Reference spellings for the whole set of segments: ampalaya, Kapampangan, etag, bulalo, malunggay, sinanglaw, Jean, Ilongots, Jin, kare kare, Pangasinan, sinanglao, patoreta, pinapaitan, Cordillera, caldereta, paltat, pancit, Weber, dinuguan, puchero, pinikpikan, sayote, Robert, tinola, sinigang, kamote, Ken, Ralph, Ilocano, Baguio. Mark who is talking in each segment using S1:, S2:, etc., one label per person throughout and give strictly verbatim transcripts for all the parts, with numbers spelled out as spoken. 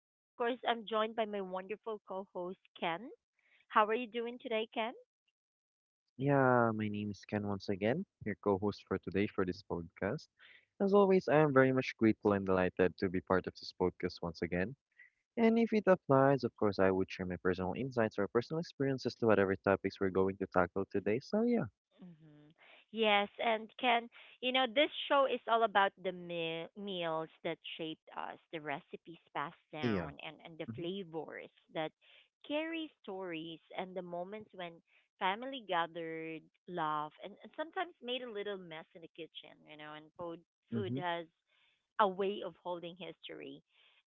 S1: And of course, I'm joined by my wonderful co host, Ken. How are you doing today, Ken?
S2: Yeah, my name is Ken, once again your co-host for today for this podcast. As always, I am very much grateful and delighted to be part of this podcast once again. And if it applies, of course, I would share my personal insights or personal experiences to whatever topics we're going to tackle today. So yeah,
S1: Hmm. Yes, and can you know this show is all about the meal, meals that shaped us, the recipes passed
S2: yeah,
S1: down, and and the
S2: mm-hmm,
S1: flavors that carry stories, and the moments when family gathered, laughed, and, and sometimes made a little mess in the kitchen. You know, and food food
S2: mm-hmm,
S1: has a way of holding history.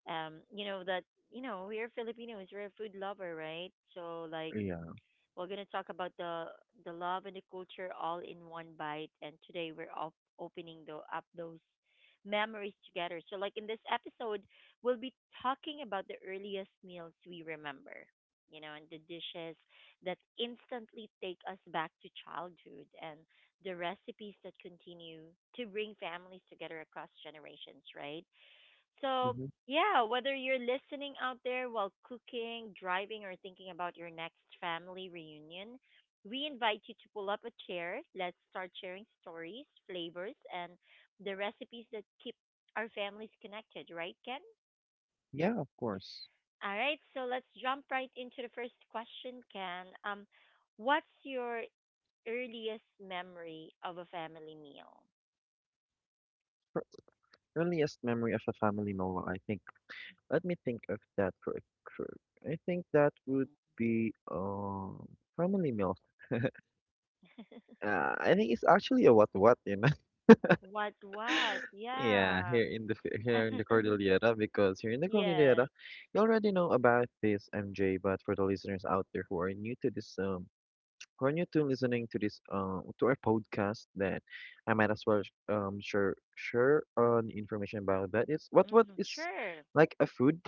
S1: Um, you know that you know we're Filipinos, we're a food lover, right? So like
S2: yeah,
S1: we're going to talk about the the love and the culture all in one bite. And today we're op- opening the, up those memories together. So, like in this episode, we'll be talking about the earliest meals we remember, you know, and the dishes that instantly take us back to childhood, and the recipes that continue to bring families together across generations, right? So,
S2: mm-hmm,
S1: yeah, whether you're listening out there while cooking, driving, or thinking about your next family reunion, we invite you to pull up a chair. Let's start sharing stories, flavors, and the recipes that keep our families connected, right, Ken?
S2: yeah, of course.
S1: All right, so let's jump right into the first question, Ken. Um, what's your earliest memory of a family meal?
S2: For earliest memory of a family meal, I think. Let me think of that for a cur- I think that would be um family meal.
S1: Mm.
S2: Uh, I think it's actually a what what you know.
S1: What, what?
S2: Yeah,
S1: Yeah.
S2: here in the f- here in the Cordillera, because here in the Cordillera,
S1: Yes.
S2: you already know about this M J, but for the listeners out there who are new to this um who are new to listening to this uh to our podcast, then I might as well sh- um share share on information about that. It's what what
S1: Mm-hmm.
S2: is
S1: Sure.
S2: like a food?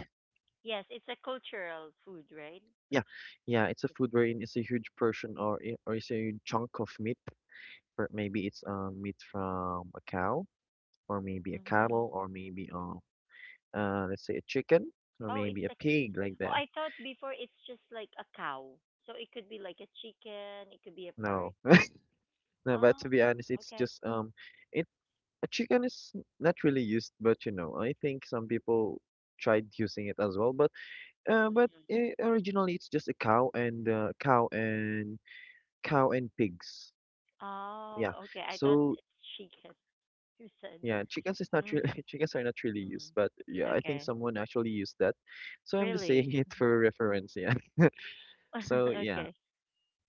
S1: Yes, it's a cultural food, right?
S2: Yeah, yeah, it's a food wherein it's a huge portion or i- or it's a huge chunk of meat. Or maybe it's um meat from a cow, or maybe a
S1: Yep. Mm-hmm.
S2: cattle, or maybe um uh, let's say a chicken or
S1: Oh, it's
S2: maybe a
S1: like it-
S2: pig like
S1: oh,
S2: that.
S1: I thought before it's just like a cow. So it could be like a chicken, it could be a
S2: No,
S1: pork.
S2: no, but to
S1: Oh,
S2: be honest, it's
S1: okay.
S2: just um, it a chicken is not really used, but you know, I think some people tried using it as well. But uh, but eh,
S1: Mm-hmm.
S2: originally it's just a cow and uh, cow and cow and pigs. Yeah,
S1: Oh, okay. I thought
S2: so.
S1: it's chicken. You said.
S2: Yeah, chickens is not really
S1: Mm-hmm.
S2: chickens are not really used, but yeah,
S1: Mm-hmm.
S2: I think
S1: Okay.
S2: someone actually used that. So I'm just saying
S1: Really?
S2: it for reference, yeah.
S1: Mm-hmm.
S2: So yeah.
S1: Okay.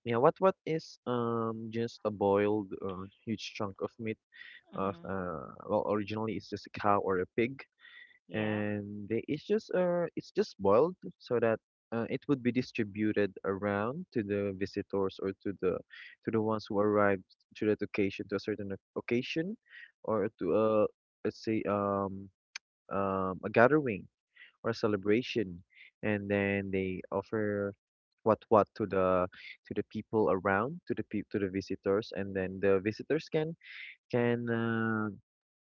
S2: Yeah, what what is um just a boiled uh, huge chunk of meat of
S1: Mm-hmm.
S2: uh well originally it's just a cow or a pig
S1: Yeah.
S2: and they, it's just uh it's just boiled so that uh, it would be distributed around to the visitors or to the to the ones who arrived to that occasion to a certain oc- occasion or to a let's say um um a gathering or celebration, and then they offer what what to the to the people around, to the pe- to the visitors, and then the visitors can can uh,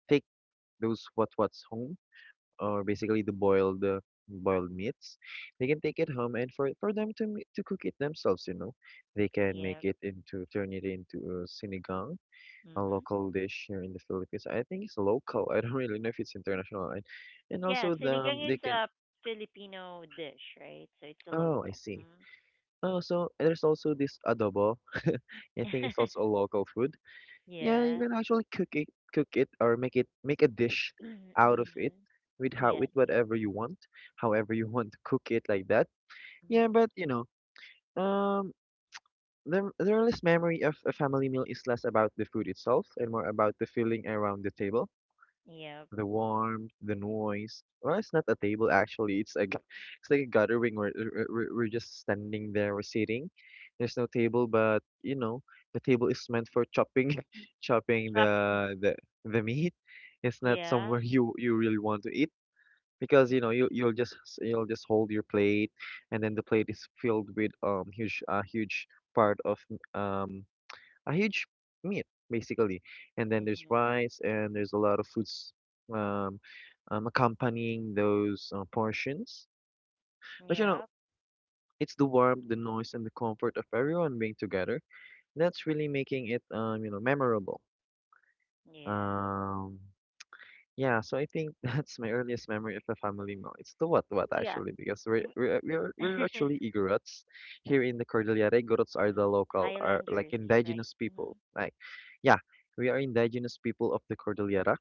S2: take those what what's home, or basically the boiled uh, boiled meats, they can take it home and for for them to ma- to cook it themselves, you know. They can make
S1: Yeah.
S2: it into turn it into uh, sinigang, a
S1: Mm-hmm.
S2: local dish here in the Philippines. I think it's local, I don't really know if it's international. and and
S1: Yeah,
S2: also the
S1: sinigang is
S2: they can
S1: a Filipino dish, right? So it's a
S2: oh I
S1: local.
S2: see.
S1: Mm-hmm.
S2: Oh, so there's also this adobo. I think it's also a local food. Yeah, you
S1: Yeah.
S2: can actually cook it, cook it, or make it make a dish out of it
S1: Mm-hmm.
S2: with how with
S1: Yes.
S2: whatever you want, however you want to cook it like that. Yeah,
S1: Mm-hmm.
S2: but you know, um, the the earliest memory of a family meal is less about the food itself and more about the feeling around the table.
S1: Yeah.
S2: The warmth, the noise. Well, it's not a table actually. It's a, g- it's like a gathering where we're, we're we're just standing there, we're sitting. There's no table, but you know, the table is meant for chopping, chopping
S1: Top.
S2: the the the meat. It's not
S1: Yeah.
S2: somewhere you you really want to eat because you know you you'll just s- you'll just hold your plate, and then the plate is filled with um huge uh, huge part of um a huge meat basically, and then there's
S1: Mm-hmm.
S2: rice and there's a lot of foods um, um, accompanying those uh, portions. But you know,
S1: Yeah.
S2: it's the warmth, the noise, and the comfort of everyone being together that's really making it, um, you know, memorable.
S1: Yeah.
S2: Um, Yeah, so I think that's my earliest memory of a
S1: Mm-hmm.
S2: family meal. It's the what what
S1: Yeah.
S2: actually, because we're
S1: W-
S2: we're we're, we're actually Igorots here in the Cordillera. Igorots are the
S1: Mm,
S2: local, are like,
S1: Highlanders, right?
S2: indigenous
S1: Mm-hmm.
S2: people. Like, yeah, we are indigenous people of the Cordillera.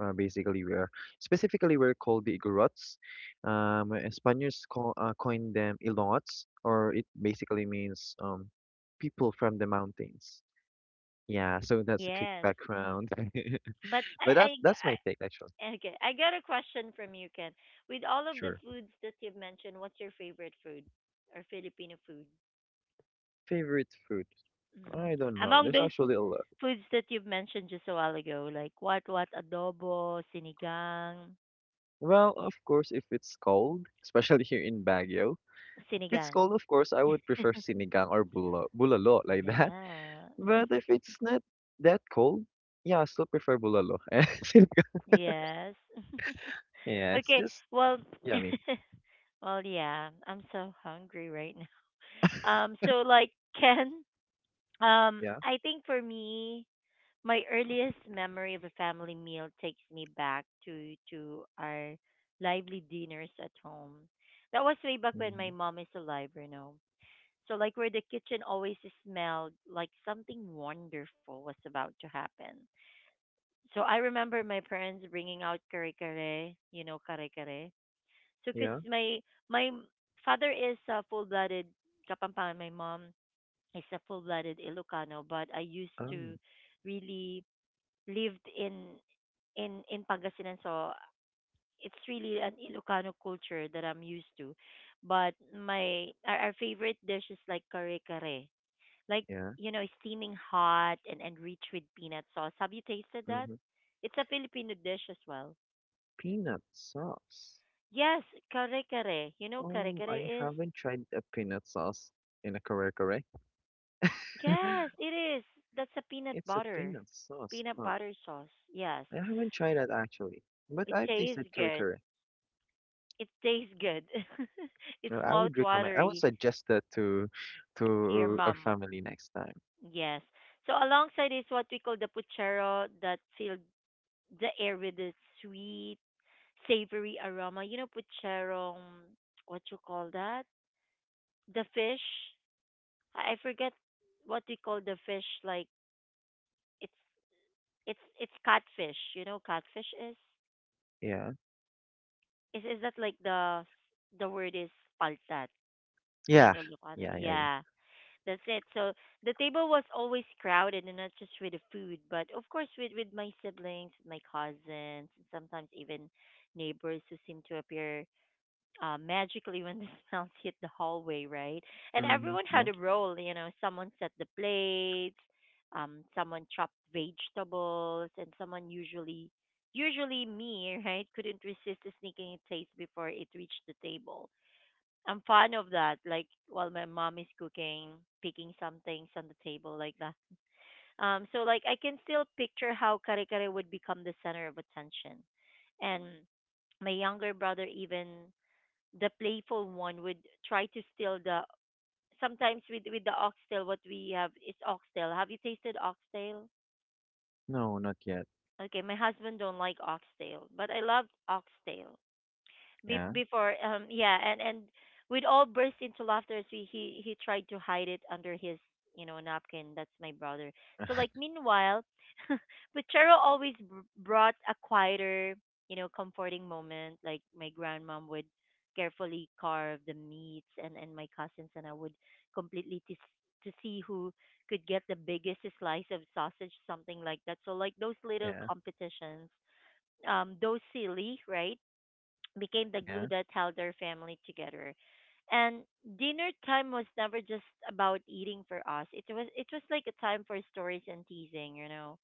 S2: Uh, basically, we are specifically we're called the Igorots. Um, uh, Spaniards co uh, coined them Ilongots, or it basically means um, people from the mountains. Yeah, so that's a quick
S1: Yes. Mm.
S2: background.
S1: But I,
S2: But that's
S1: I,
S2: that's my take actually.
S1: I, okay, I got a question from you, Ken. With all of the
S2: Sure.
S1: foods that you've mentioned, what's your favorite food or Filipino food?
S2: Favorite food?
S1: Mm.
S2: I don't know.
S1: Among
S2: There's
S1: those
S2: actually a lot.
S1: foods that you've mentioned just a while ago, like what what adobo, sinigang,
S2: Well, of course, if it's cold, especially here in Baguio, if it's
S1: sinigang.
S2: cold, of course, I would prefer sinigang or bulalo, bulalo like that.
S1: Yeah.
S2: But if it's not that cold, yeah, I still prefer bulalo. And sinigang,
S1: Yes.
S2: yeah, it's
S1: Okay.
S2: just
S1: Well.
S2: yummy.
S1: Well, yeah. I'm so hungry right now. Um. So like, Ken. Um.
S2: Yeah.
S1: I think for me, my earliest memory of a family meal takes me back to to our lively dinners at home. That was way back when my
S2: Hmm.
S1: mom is alive, you know. So like where the kitchen always smelled like something wonderful was about to happen. So I remember my parents bringing out kare kare, you know, kare kare. So cause
S2: Yeah.
S1: my my father is a full-blooded Kapampangan, my mom is a full-blooded Ilocano, but I used to
S2: Um.
S1: really lived in in in Pangasinan, so it's really an Ilocano culture that I'm used to. But my our, our favorite dish is like kare kare, like
S2: Yeah.
S1: you know, steaming hot and and rich with peanut sauce. Have you tasted that?
S2: Hmm.
S1: It's a Filipino dish as well.
S2: Peanut sauce.
S1: Yes, kare kare. You know, kare
S2: Oh,
S1: kare
S2: I
S1: is,
S2: haven't tried a peanut sauce in a kare kare.
S1: yes, it is. That's a peanut
S2: It's a
S1: butter,
S2: peanut sauce,
S1: peanut
S2: huh?
S1: butter sauce. Yes,
S2: I haven't tried that actually, but
S1: it
S2: I've
S1: tastes
S2: tasted curry
S1: good.
S2: curry.
S1: It tastes good. It's
S2: Uh, I
S1: mouth
S2: would recommend. I would
S1: watery
S2: suggest that to
S1: to your
S2: to a
S1: mom.
S2: family next time.
S1: Yes. So alongside is what we call the puchero that filled the air with a sweet, savory aroma. You know, Puchero, um, what you call that? The fish. I I forget what we call the fish. Like it's it's it's catfish. You know, catfish is
S2: Yeah.
S1: is is that like the the word is paltat in
S2: Yeah.
S1: Ilocano?
S2: Yeah. Yeah. Yeah.
S1: Yeah. That's it. So the table was always crowded, and not just with the food, but of course with with my siblings, my cousins, and sometimes even neighbors who seem to appear uh, magically when the smells hit the hallway, right? And
S2: Mm-hmm.
S1: everyone
S2: Yeah.
S1: had a role. You know, someone set the plates, um, someone chopped vegetables, and someone usually, usually me, right, couldn't resist sneaking a taste before it reached the table. I'm fond of that. Like while my mom is cooking, picking some things on the table like that. Um, so like I can still picture how kare kare would become the center of attention, and my younger brother, even the playful one, would try to steal the. Sometimes with with the oxtail, what we have is oxtail. Have you tasted oxtail?
S2: No, not yet.
S1: Okay, my husband don't like oxtail, but I love oxtail. be-
S2: Yeah.
S1: before um yeah, and and we'd all burst into laughter as we he he tried to hide it under his you know napkin. That's my brother. So like meanwhile, but Charo always br- brought a quieter, you know comforting moment, like my grandmom would carefully carve the meats and and my cousins and I would completely to to see who could get the biggest slice of sausage, something like that. So like those little
S2: Yeah.
S1: competitions, um those silly, right, became the glue
S2: Yeah.
S1: that held their family together. And dinner time was never just about eating for us. It was it was like a time for stories and teasing, you know.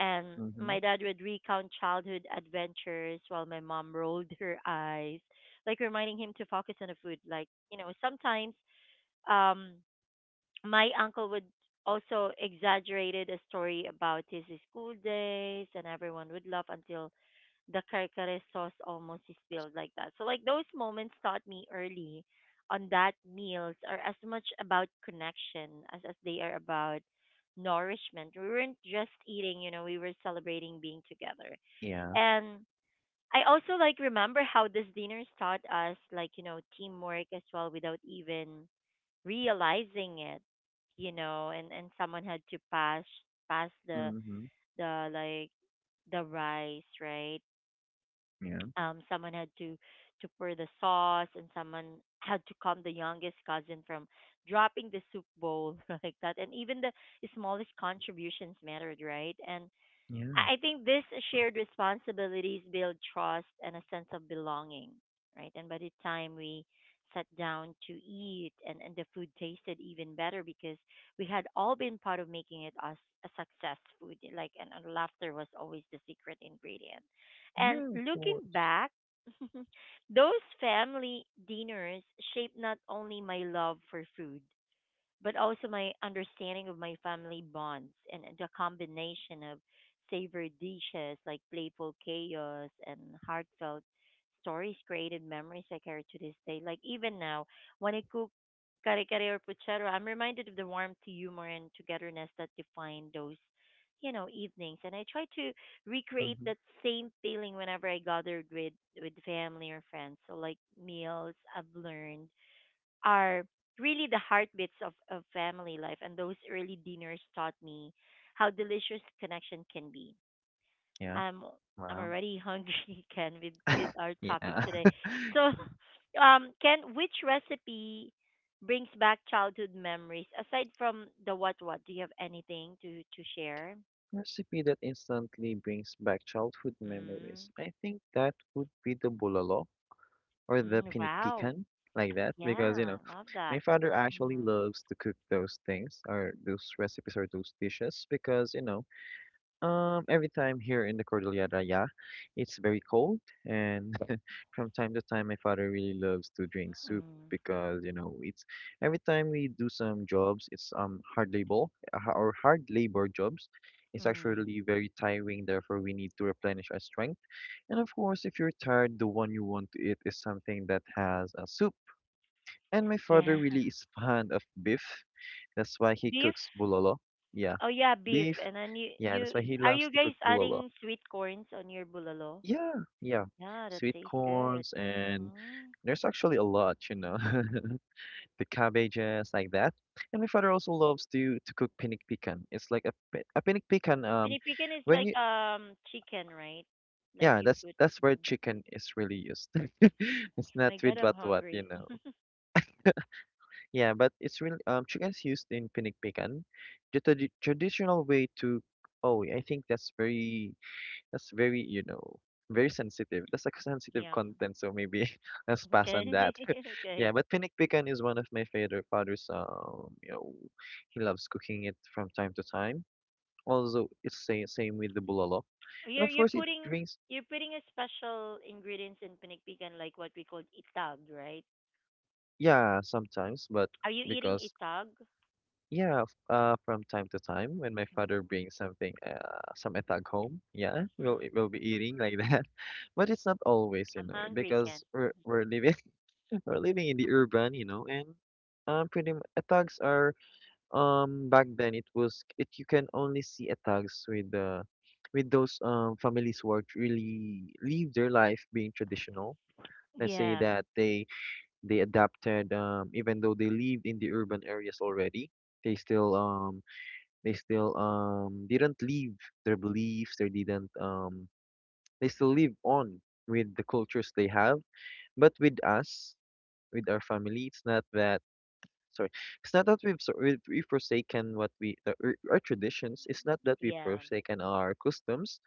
S1: And
S2: Mm-hmm.
S1: my dad would recount childhood adventures while my mom rolled her eyes, like reminding him to focus on the food. Like, you know, sometimes um my uncle would also exaggerated a story about his school days and everyone would laugh until the kare sauce almost is spilled like that. So like those moments taught me early on that meals are as much about connection as, as they are about nourishment. We weren't just eating, you know, we were celebrating being together.
S2: Yeah.
S1: And I also like remember how this dinners taught us like, you know, teamwork as well without even realizing it, you know, and, and someone had to pass pass the
S2: Mm-hmm.
S1: the like the rice, right?
S2: Yeah.
S1: Um, someone had to to pour the sauce, and someone had to calm the youngest cousin from dropping the soup bowl like that. And even the smallest contributions mattered, right? And
S2: Yeah.
S1: I I think this shared responsibilities build trust and a sense of belonging, right? And by the time we sat down to eat, and, and the food tasted even better because we had all been part of making it, us a success food, like, and, and laughter was always the secret ingredient. And
S2: Yeah. Of
S1: looking
S2: course.
S1: back, those family dinners shaped not only my love for food but also my understanding of my family bonds, and the combination of savory dishes, like playful chaos and heartfelt stories, created memories I carry to this day. Like even now, when I cook kare kare or puchero, I'm reminded of the warmth, humor, and togetherness that defined those, you know, evenings. And I try to recreate
S2: Mm-hmm.
S1: that same feeling whenever I gathered with with family or friends. So like meals, I've learned, are really the heartbeats of, of family life. And those early dinners taught me how delicious connection can be.
S2: Yeah.
S1: I'm I'm
S2: Wow.
S1: already hungry, Ken, with, with our topic
S2: Yeah.
S1: today. So, um, Ken, which recipe brings back childhood memories aside from the what what? Do you have anything to to share?
S2: Recipe that instantly brings back childhood
S1: Mm,
S2: memories. I think that would be the bulalo or the
S1: mm,
S2: pinik
S1: wow.
S2: pican, like that, because you
S1: Yeah,
S2: know
S1: love
S2: my
S1: that.
S2: father actually
S1: Mm,
S2: loves to cook those things, or those recipes or those dishes, because you know, um every time here in the Cordillera, yeah, it's very cold, and from time to time my father really loves to drink soup,
S1: mm,
S2: because you know it's every time we do some jobs, it's um hard labor uh, ha- or hard labor jobs, it's
S1: mm.
S2: actually very tiring, therefore we need to replenish our strength. And of course, if you're tired, the one you want to eat is something that has a soup. And my father
S1: Yeah.
S2: really is fond of beef. That's why he
S1: Beef?
S2: cooks bulalo. Yeah,
S1: Oh yeah, beef.
S2: beef.
S1: And then you
S2: Yeah,
S1: you
S2: that's why he
S1: are
S2: loves
S1: you
S2: to cook
S1: guys
S2: bulalo.
S1: adding sweet corns on your bulalo?
S2: Yeah, yeah.
S1: Yeah, that
S2: Sweet
S1: tastes good.
S2: corns and
S1: Mhm.
S2: there's actually a lot, you know, the cabbages like that. And my father also loves to to cook pinik pican. It's like a pi- a pinik pican. Um,
S1: Pinipigan is
S2: when
S1: like
S2: you
S1: um chicken, right? Like
S2: yeah,
S1: you
S2: that's
S1: put.
S2: that's where
S1: Mhm.
S2: chicken is really used. It's not
S1: My God,
S2: with
S1: I'm
S2: what what you
S1: hungry.
S2: know. Yeah, but it's really um chicken's used in pinikpikan, the tradi traditional way to. Oh, I think that's very that's very, you know, very sensitive. That's like sensitive
S1: Yum.
S2: content, so maybe let's pass on
S1: Okay.
S2: that.
S1: Okay.
S2: Yeah, but pinikpikan is one of my favorite father's. Um, you know, he loves cooking it from time to time. Also, it's same same with the bulalo, and
S1: You're
S2: of
S1: you're
S2: course it
S1: putting
S2: brings
S1: you're putting a special ingredients in pinikpikan like what we call itag, right?
S2: yeah sometimes, but
S1: Are you eating
S2: because
S1: itag?
S2: yeah, f- uh, from time to time when my
S1: Mhm.
S2: father brings something, uh, some etag home, yeah, we'll e-
S1: Mhm.
S2: we'll be eating like that, but it's not always, you
S1: I'm
S2: know, eh,
S1: hungry, Ken.
S2: because we're we're living we're living in the urban, you know, and um, pretty mu- etags are, um back then, it was, it, you can only see etags with the with those um families who are really live their life being traditional. Let's say
S1: Yeah.
S2: that they they adapted, um even though they lived in the urban areas already, they still um. They still um didn't leave their beliefs. They didn't um they still live on with the cultures they have. But with us, with our family, it's not that. Sorry, it's not that we've so- we've, we've forsaken what we the, our our traditions. It's not that we've
S1: Yeah.
S2: forsaken our customs,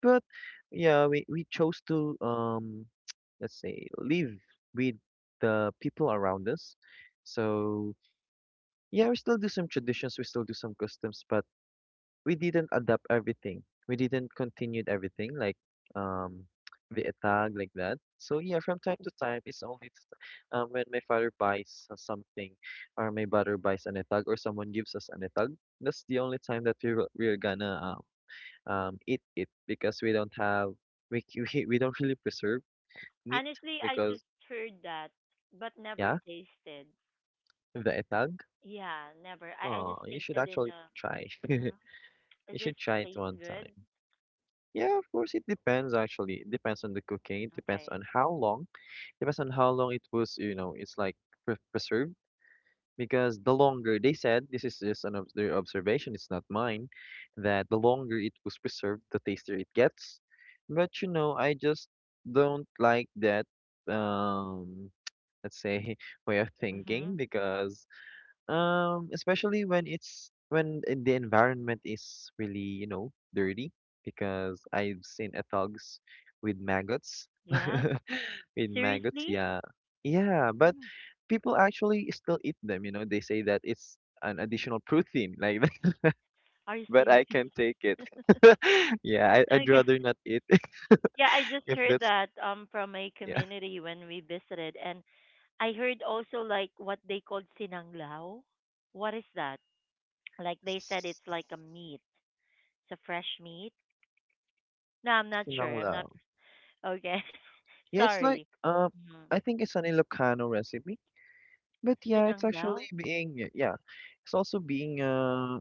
S2: but yeah, we we chose to um let's say live with the people around us. So yeah, we still do some traditions, we still do some customs, but we didn't adapt everything. We didn't continued everything like um the tag like that. So yeah, from time to time, it's only t- um, when my father buys uh, something, or my brother buys an etag, or someone gives us an etag. That's the only time that we will- we're gonna um, um eat it because we don't have we c- we we don't really preserve meat
S1: Honestly, I
S2: because
S1: just heard that, but never
S2: yeah,
S1: tasted.
S2: the etag.
S1: Yeah, never. I, I
S2: Oh,
S1: just
S2: you should
S1: tasted in
S2: actually
S1: a.
S2: try.
S1: Mhm.
S2: You
S1: Is this
S2: should try it
S1: taste
S2: one
S1: good?
S2: time. Yeah, of course, it depends actually. It depends on the cooking. It depends
S1: Okay.
S2: on how long. Depends on how long it was, you know, it's like pre preserved. Because the longer they said, this is just an obs their observation, it's not mine, that the longer it was preserved, the tastier it gets. But you know, I just don't like that, um, let's say, way of thinking
S1: Mhm.
S2: because, um, especially when it's when i- the environment is really, you know, dirty, because I've seen ethogs with maggots.
S1: Yeah.
S2: With maggots,
S1: Seriously?
S2: yeah. Yeah, but
S1: Mm.
S2: people actually still eat them, you know. They say that it's an additional protein like that,
S1: Are you
S2: but
S1: serious?
S2: I can take it. Yeah, I, I'd
S1: Okay.
S2: rather not eat
S1: Yeah, I just
S2: if
S1: heard
S2: that's
S1: that um from a
S2: yeah.
S1: community when we visited, and I heard also like what they called sinanglao. What is that? Like they said it's like a meat. It's a fresh meat. No, I'm not sure. I'm not.
S2: Sinanglaw.
S1: Okay.
S2: Yeah, it's like
S1: Sorry.
S2: um
S1: Mm-hmm.
S2: I think it's an Ilocano recipe. But yeah, it's
S1: Sinanglao?
S2: actually being y- yeah, it's also being uh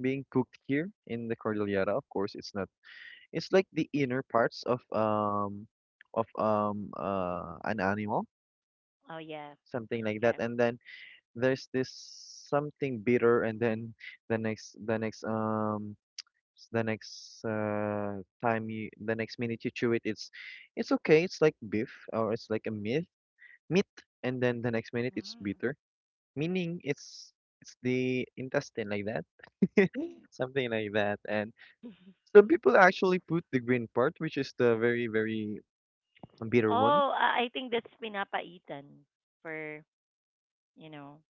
S2: being cooked here in the Cordillera. Of course, it's not. It's like the inner parts of um of um uh an animal,
S1: Oh, yeah.
S2: something like that.
S1: Okay.
S2: And then there's this something bitter, and then the next the next um s- the next uh time you the next minute you chew it, it's it's okay. It's like beef or it's like a meat meat, and then the next minute it's
S1: Mm.
S2: bitter. Meaning it's it's the intestine like that, something like that. And some people actually put the green part, which is the very very bitter one.
S1: Oh, I I think that's pinapaitan for, you know.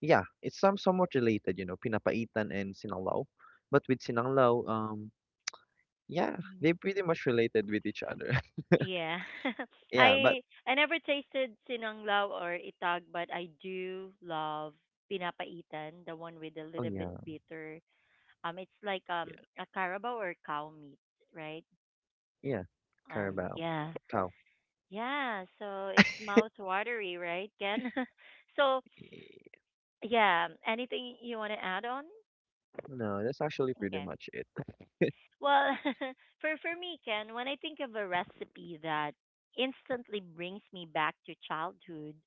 S2: Yeah, it's some somewhat related, you know, pinapaitan and sinanglaw. But with sinanglaw, um, yeah,
S1: Mhm.
S2: they pretty much related with each other.
S1: Yeah.
S2: Yeah, but
S1: I I never tasted sinanglao or itag, but I do love pinapaitan, the one with a
S2: oh
S1: little bit
S2: yeah,
S1: bitter. Um it's like
S2: yeah,
S1: um a carabao or cow meat, right?
S2: yeah,
S1: And
S2: Carabao,
S1: yeah.
S2: cow.
S1: Yeah, so it's mouth watery, right, Ken? So,
S2: Eh,
S1: yeah, anything you want to add on?
S2: no, that's actually pretty
S1: Okay.
S2: much it.
S1: Well, for for me, Ken, when I think of a recipe that instantly brings me back to childhood,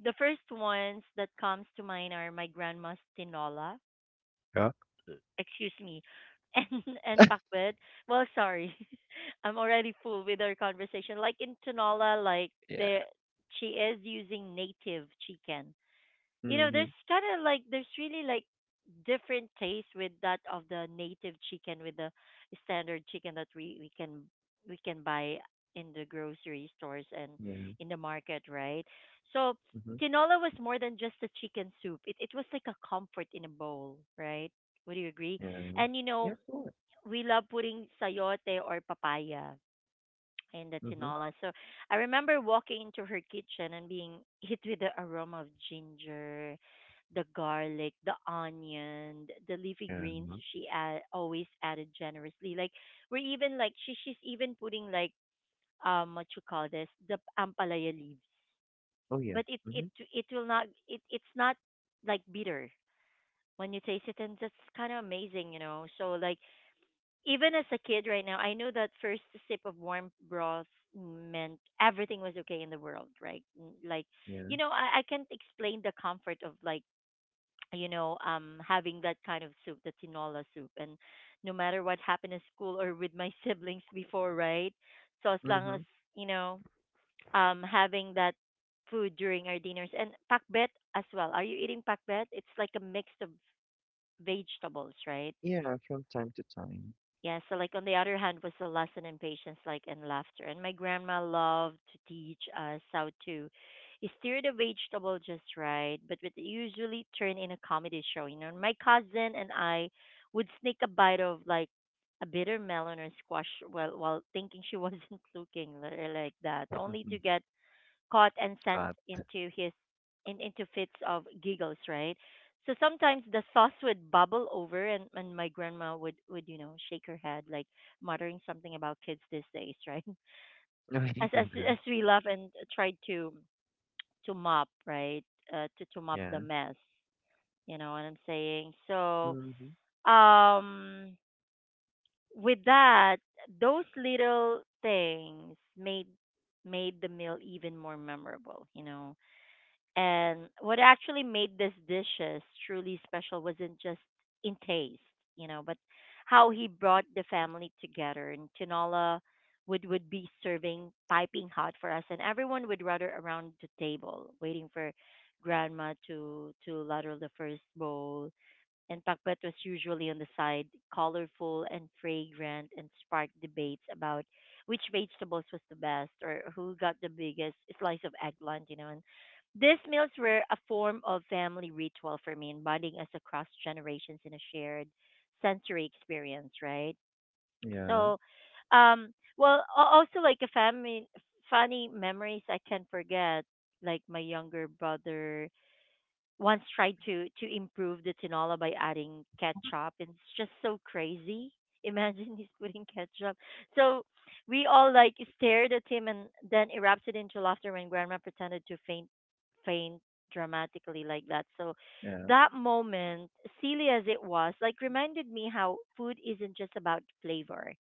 S1: the first ones that comes to mind are my grandma's tinola,
S2: Yeah.
S1: excuse me, and and pakbet. Well, sorry, I'm already full with our conversation. Like in tinola, like
S2: Yeah.
S1: the she is using native chicken, you know.
S2: Mm-hmm.
S1: There's kind of like there's really like different taste with that of the native chicken with the standard chicken that we we can we can buy in the grocery stores and
S2: Yeah.
S1: in the market, right? So
S2: Mm-hmm.
S1: tinola was more than just a chicken soup. It it was like a comfort in a bowl, right? Would you agree?
S2: Yeah.
S1: And you
S2: Yeah,
S1: know,
S2: of course.
S1: we love putting sayote or papaya, in the
S2: Mm-hmm.
S1: tinola. So I remember walking into her kitchen and being hit with the aroma of ginger, the garlic, the onion, th- the leafy greens
S2: Yeah.
S1: she add, always added generously. Like we're even like she she's even putting like um what you call this, the ampalaya leaves,
S2: Oh, yeah.
S1: but it
S2: Hmm.
S1: it it will not, it it's not like bitter when you taste it, and that's kind of amazing, you know. So like even as a kid right now, I know that first sip of warm broth meant everything was okay in the world, right? N- Like,
S2: Yeah.
S1: you know, I, I can't explain the comfort of like, you know, um, having that kind of soup, the tinola soup, and no matter what happened at school or with my siblings before, right? So as long
S2: Hmm.
S1: as, you know, um, having that food during our dinners and pakbet as well. Are you eating pakbet? It's like a mix of vegetables, right?
S2: Yeah, from time to time.
S1: Yeah, so like on the other hand was the lesson in patience, like and laughter. And my grandma loved to teach us how to steer the vegetable just right, but would usually turn in a comedy show. You know, and my cousin and I would sneak a bite of like a bitter melon or squash while while thinking she wasn't looking li- like that, only
S2: Mhm.
S1: to get caught and sent
S2: God.
S1: into his in, into fits of giggles, right? So sometimes the sauce would bubble over and, and my grandma would, would, you know, shake her head like muttering something about kids these days, right?
S2: Oh,
S1: As as as we laugh and tried to to mop, right? Uh, to, to mop
S2: yeah.
S1: the
S2: Yeah.
S1: mess. You know what I'm saying? So
S2: Hmm.
S1: um with that, those little things made made the meal even more memorable, you know. And what actually made this dishes truly special wasn't just in taste, you know, but how he brought the family together. And tinola would would be serving piping hot for us, and everyone would gather around the table waiting for grandma to to ladle the first bowl and Pakbat was usually on the side, colorful and fragrant, and sparked debates about which vegetables was the best or who got the biggest slice of eggplant, you know. And these meals were a form of family ritual for me, and bonding us across generations in a shared sensory experience, right?
S2: Yeah.
S1: So, um, well, a- also like a family funny memories I can't forget, like my younger brother once tried to to improve the tinola by adding ketchup, and it's just so crazy, imagine he's putting ketchup. So we all like stared at him and then erupted into laughter when grandma pretended to faint faint dramatically like that. So
S2: Yeah.
S1: that moment, silly as it was, like reminded me how food isn't just about flavor.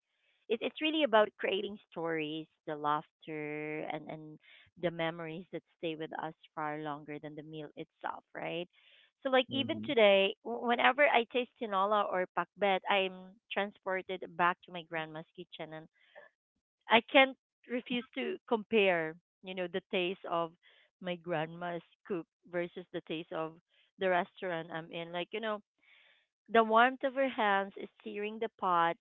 S1: It, it's really about creating stories, the laughter and and the memories that stay with us far longer than the meal itself, right? So, like, even
S2: Hmm.
S1: today, w- whenever I taste tinola or pakbet, I'm transported back to my grandma's kitchen, and I can't refuse to compare, you know, the taste of my grandma's cook versus the taste of the restaurant I'm in. Like, you know, the warmth of her hands is searing the pot,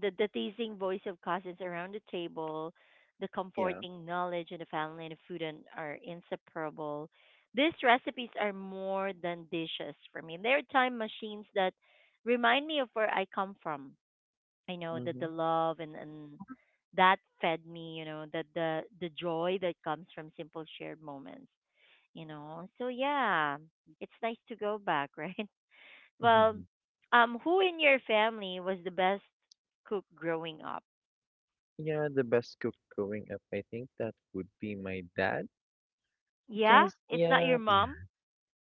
S1: the, the teasing voice of cousins around the table, the
S2: Yeah.
S1: comforting knowledge of the family and the food and are inseparable. These recipes are more than dishes for me. They're time machines that remind me of where I come from. I know that the
S2: Hmm.
S1: love and, and that fed me, you know, that the the joy that comes from simple shared moments, you know. So yeah, it's nice to go back, right? Well,
S2: Hmm.
S1: um, who in your family was the best cook growing up?
S2: Yeah, the best cook growing up, I think that would be my dad
S1: Yeah,
S2: because
S1: it's not
S2: yeah,
S1: your
S2: yeah.
S1: mom.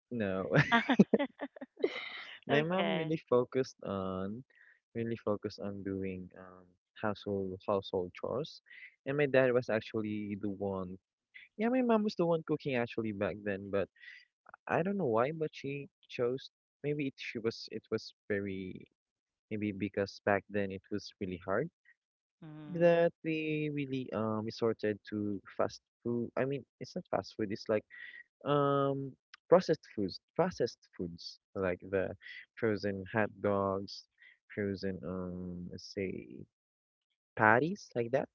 S2: No. My mom
S1: Okay.
S2: really focused on really focused on doing um household household chores, and my dad was actually the one. Yeah, my mom was the one cooking actually back then, but I don't know why, but she chose. Maybe it she was it was very Maybe because back then it was really hard
S1: Hmm.
S2: that we really um resorted to fast food. I mean, it's not fast food. It's like um processed foods, processed foods like the frozen hot dogs, frozen um let's say patties like that.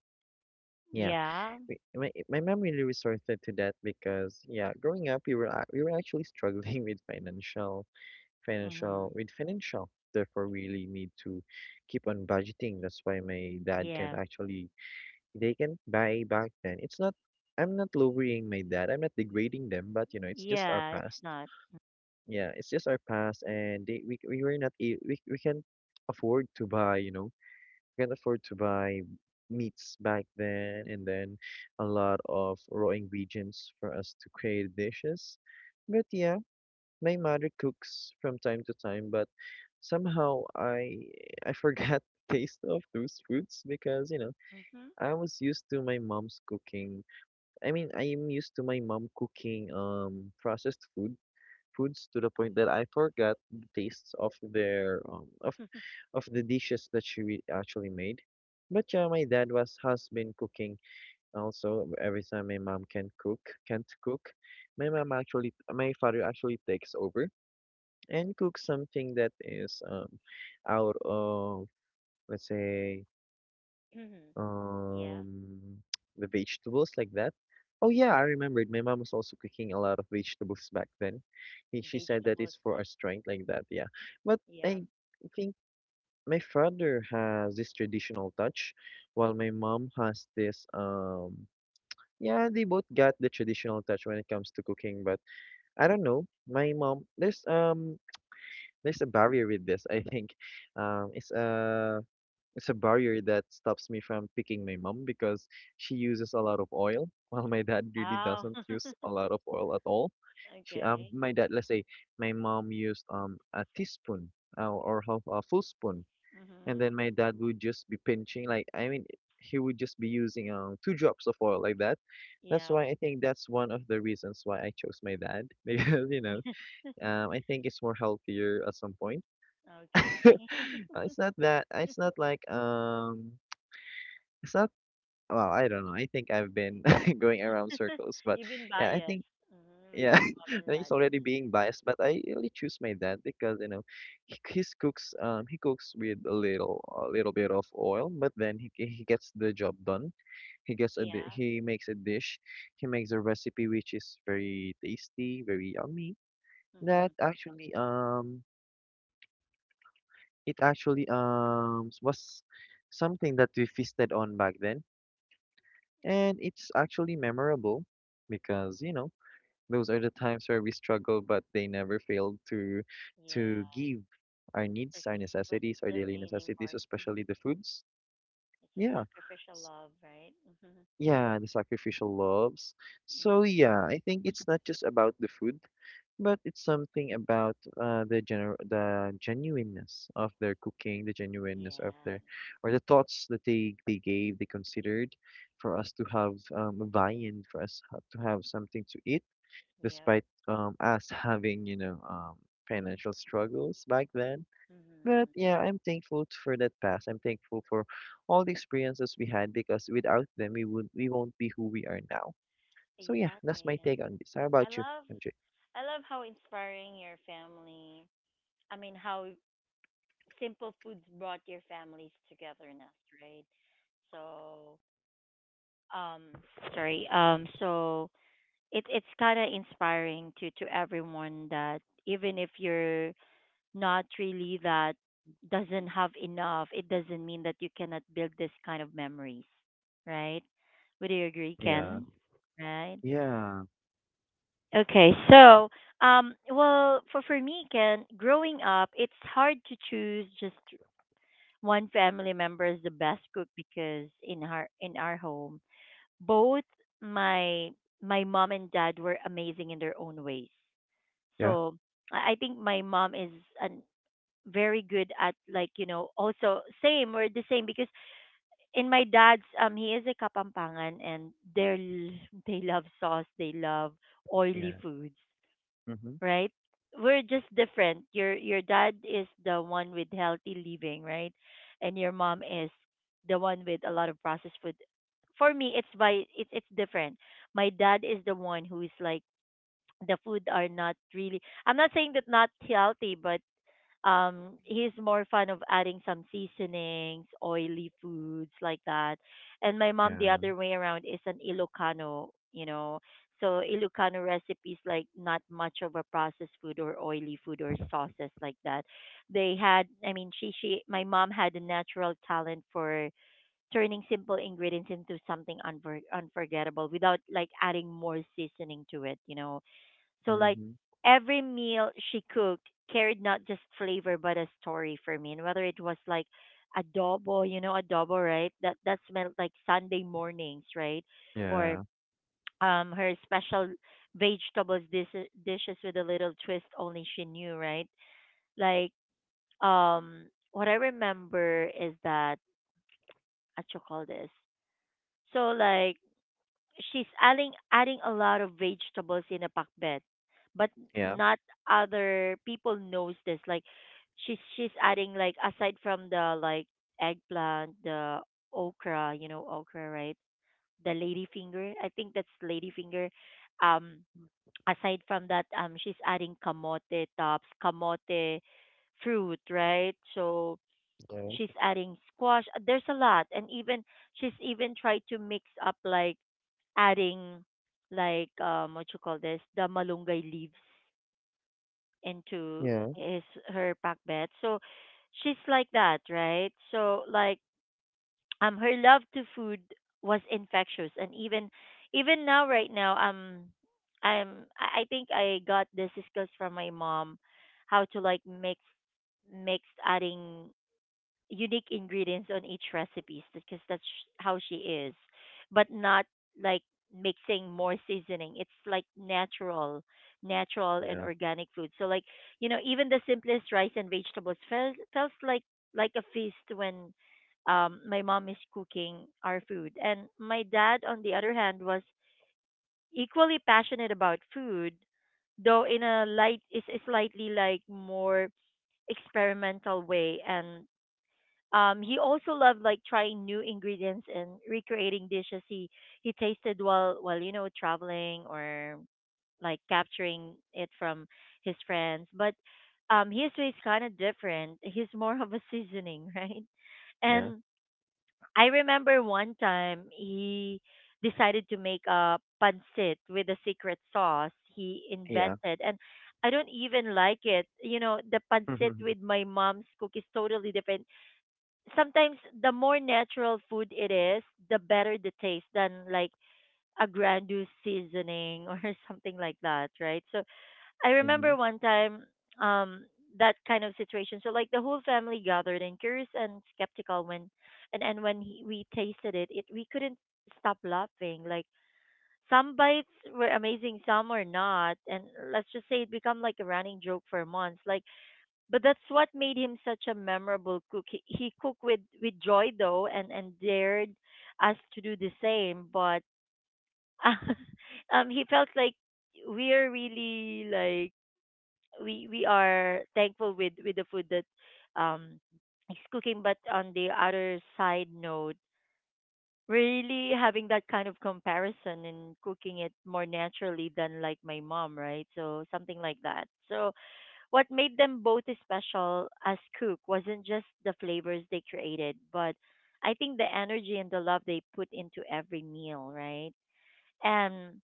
S2: Yeah,
S1: Yeah.
S2: we, my my mom really resorted to that because yeah, growing up we were ac- we were actually struggling with financial. Financial
S1: Hmm.
S2: with financial. Therefore, we really need to keep on budgeting. That's why my dad can
S1: Yeah.
S2: actually they can buy back then. It's not. I'm not lowering my dad. I'm not degrading them, but you know, it's just our
S1: Yeah, it's
S2: past.
S1: not.
S2: Yeah, it's just our past, and they we we were not a- we we can afford to buy. You know, we can afford to buy meats back then, and then a lot of raw ingredients for us to create dishes. But yeah, my mother cooks from time to time, but somehow I I forgot the taste of those foods because you know
S1: Mhm.
S2: I was used to my mom's cooking. I mean, I am used to my mom cooking um processed food foods to the point that I forgot the tastes of their um of
S1: Mhm.
S2: of the dishes that she re- actually made. But yeah, my dad was has been cooking also every time my mom can cook can't cook. My mom actually my father actually takes over and cooks something that is um out of let's say
S1: Yeah.
S2: um the vegetables like that. Oh yeah, I
S1: Yeah.
S2: remembered. My mom was also cooking a lot of vegetables back then. He, she said that
S1: Vegetables
S2: it's for
S1: like,
S2: our strength like that. Yeah, but
S1: yeah.
S2: I think my father has this traditional touch, while my mom has this um. Yeah, they both got the traditional touch when it comes to cooking, but I don't know. My mom, there's um, there's a barrier with this. I think, um, it's a. It's a barrier that stops me from picking my mom because she uses a lot of oil, while my dad really
S1: Oh.
S2: doesn't use a lot of oil at all. She, um,
S1: Okay.
S2: my dad, let's say, my mom used um a teaspoon uh, or half a full spoon, and
S1: Mhm.
S2: then my dad would just be pinching, like I mean, he would just be using um two drops of oil like that. That's
S1: Yeah.
S2: why I think that's one of the reasons why I chose my dad because you know, um, I think it's more healthier at some point.
S1: Okay.
S2: Uh, It's not that it's not like um it's not, well, I don't know. I think I've been going around circles, but
S1: You've been
S2: yeah, I
S1: biased,
S2: think,
S1: mhm, with
S2: yeah,
S1: your mom
S2: I
S1: and
S2: think it's
S1: dad.
S2: already
S1: Mhm.
S2: being biased, but I really choose my dad because, you know, he, his cooks, um, he cooks with a little, a little bit of oil, but then he, he gets the job done. He gets a, di-
S1: Yeah.
S2: he makes a dish, he makes a recipe which is very tasty, very yummy. That
S1: Mhm.
S2: actually, um, it actually, um, was something that we feasted on back then. And it's actually memorable because, you know, those are the times where we struggle, but they never fail to
S1: Yeah.
S2: to give our
S1: That's
S2: needs, our
S1: what's
S2: necessities, our
S1: the
S2: daily
S1: amazing
S2: necessities,
S1: part. Hmm.
S2: especially the foods.
S1: It's a
S2: Yeah.
S1: sacrificial
S2: s-
S1: love, right? Mm-hmm.
S2: Yeah, the sacrificial loves. So
S1: Mm.
S2: yeah, I think it's not just about the food. But it's something about uh, the gener the genuineness of their cooking, the genuineness of
S1: Yeah.
S2: their, or the thoughts that they they gave, they considered, for us to have um, a viand, for us ha- to have something to eat,
S1: Yep.
S2: despite um, us having, you know, um, financial struggles back then. But
S1: Mm-hmm.
S2: yeah, I'm thankful t- for that past. I'm thankful for all the experiences we had because without them, we would we won't be who we are now. So yeah, that's
S1: Exactly.
S2: my
S1: And
S2: take on this. How
S1: I
S2: about you,
S1: love
S2: M J?
S1: I love how inspiring your family. I mean, how simple foods brought your families togetherness, right? So, um, sorry. Um, so it it's kind of inspiring to to everyone that even if you're not really that doesn't have enough, it doesn't mean that you cannot build this kind of memories, right? Would you agree,
S2: Yeah,
S1: Ken? Right?
S2: yeah.
S1: Okay, so um, well, for for me, Ken, growing up, it's hard to choose just one family member as the best cook because in our in our home, both my my mom and dad were amazing in their own ways.
S2: Yeah.
S1: So I I think my mom is an very good at, like, you know, also same, we're the same because in my dad's, um, he is a kapampangan, and they're l- they love sauce, they love oily
S2: Yeah.
S1: foods,
S2: Mhm.
S1: right? We're just different. Your your dad is the one with healthy living, right? And your mom is the one with a lot of processed food. For me it's by it's it's different. My dad is the one who is like, the food are not really, I'm not saying that not healthy, but um he's more fond of adding some seasonings, oily foods like that. And my mom the
S2: Yeah.
S1: other way around is an Ilocano, you know. So Ilocano recipes like not much of a processed food or oily food or sauces like that. They had, I mean, she she my mom had a natural talent for turning simple ingredients into something unfor- unforgettable without like adding more seasoning to it, you know, so like
S2: Mhm.
S1: every meal she cooked carried not just flavor but a story for me. And whether it was like adobo, you know, adobo, right? That that smelled like Sunday mornings, right? Or
S2: Yeah.
S1: um her special vegetables dis- dishes with a little twist only she knew, right? Like um what I remember is that what you call this. So like she's adding adding a lot of vegetables in a pakbet, but
S2: Yeah.
S1: not other people knows this. Like she's she's adding like aside from the like eggplant, the okra, you know okra, right? The ladyfinger, I think that's ladyfinger. Um, aside from that, um, she's adding kamote tops, kamote fruit, right? So she's
S2: Yeah.
S1: adding squash. Uh, There's a lot, and even she's even tried to mix up like adding like um what you call this, the malunggay leaves into
S2: Yeah.
S1: his her pack bed. So she's like that, right? So like um her love to food was infectious, and even even now right now um I'm I I think I got this discussed from my mom how to like mix mix adding unique ingredients on each recipes because that's sh- how she is, but not like mixing more seasoning. It's like natural, natural and
S2: Yeah.
S1: organic food. So like, you know, even the simplest rice and vegetables felt felt like like a feast when, um, my mom is cooking our food, and my dad, on the other hand, was equally passionate about food, though in a light is a slightly like more experimental way, and um, he also loved like trying new ingredients and recreating dishes he he tasted while while you know traveling or like capturing it from his friends. But um, his way is kind of different. He's more of a seasoning, right?
S2: Yeah.
S1: And I remember one time he decided to make a pancit with a secret sauce he
S2: Yeah.
S1: invented, and I don't even like it. You know, the pancit
S2: Mhm.
S1: with my mom's cookies totally different. Sometimes the more natural food it is, the better the taste than like a grandiose seasoning or something like that, right? So I remember
S2: Mhm.
S1: one time um that kind of situation. So like the whole family gathered and curious and skeptical when and and when he, we tasted it, it we couldn't stop laughing. Like some bites were amazing, some were not, and let's just say it became like a running joke for months. Like but that's what made him such a memorable cook. He, he cooked with with joy though, and and dared us to do the same. But um, he felt like we are really like we we are thankful with with the food that um he's cooking. But on the other side note, we're really having that kind of comparison and cooking it more naturally than like my mom, right? So something like that. So what made them both special as Cook wasn't just the flavors they created, but I think the energy and the love they put into every meal, right? And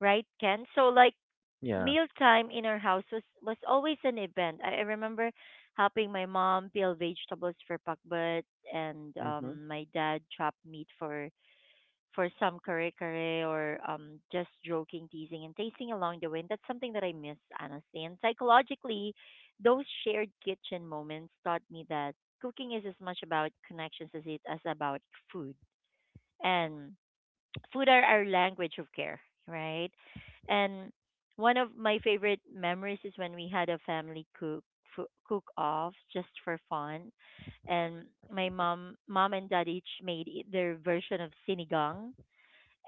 S1: right, Ken. So like
S2: Yeah.
S1: mealtime in our house was was always an event. I, I remember helping my mom peel vegetables for pakbet and
S2: Mhm.
S1: um my dad chop meat for for some kare kare or um, just joking, teasing, and tasting along the way. And that's something that I miss, honestly. And psychologically, those shared kitchen moments taught me that cooking is as much about connections as it as about food. And food are our language of care, right? And one of my favorite memories is when we had a family cook cook off just for fun and my mom mom and dad each made i- their version of sinigang,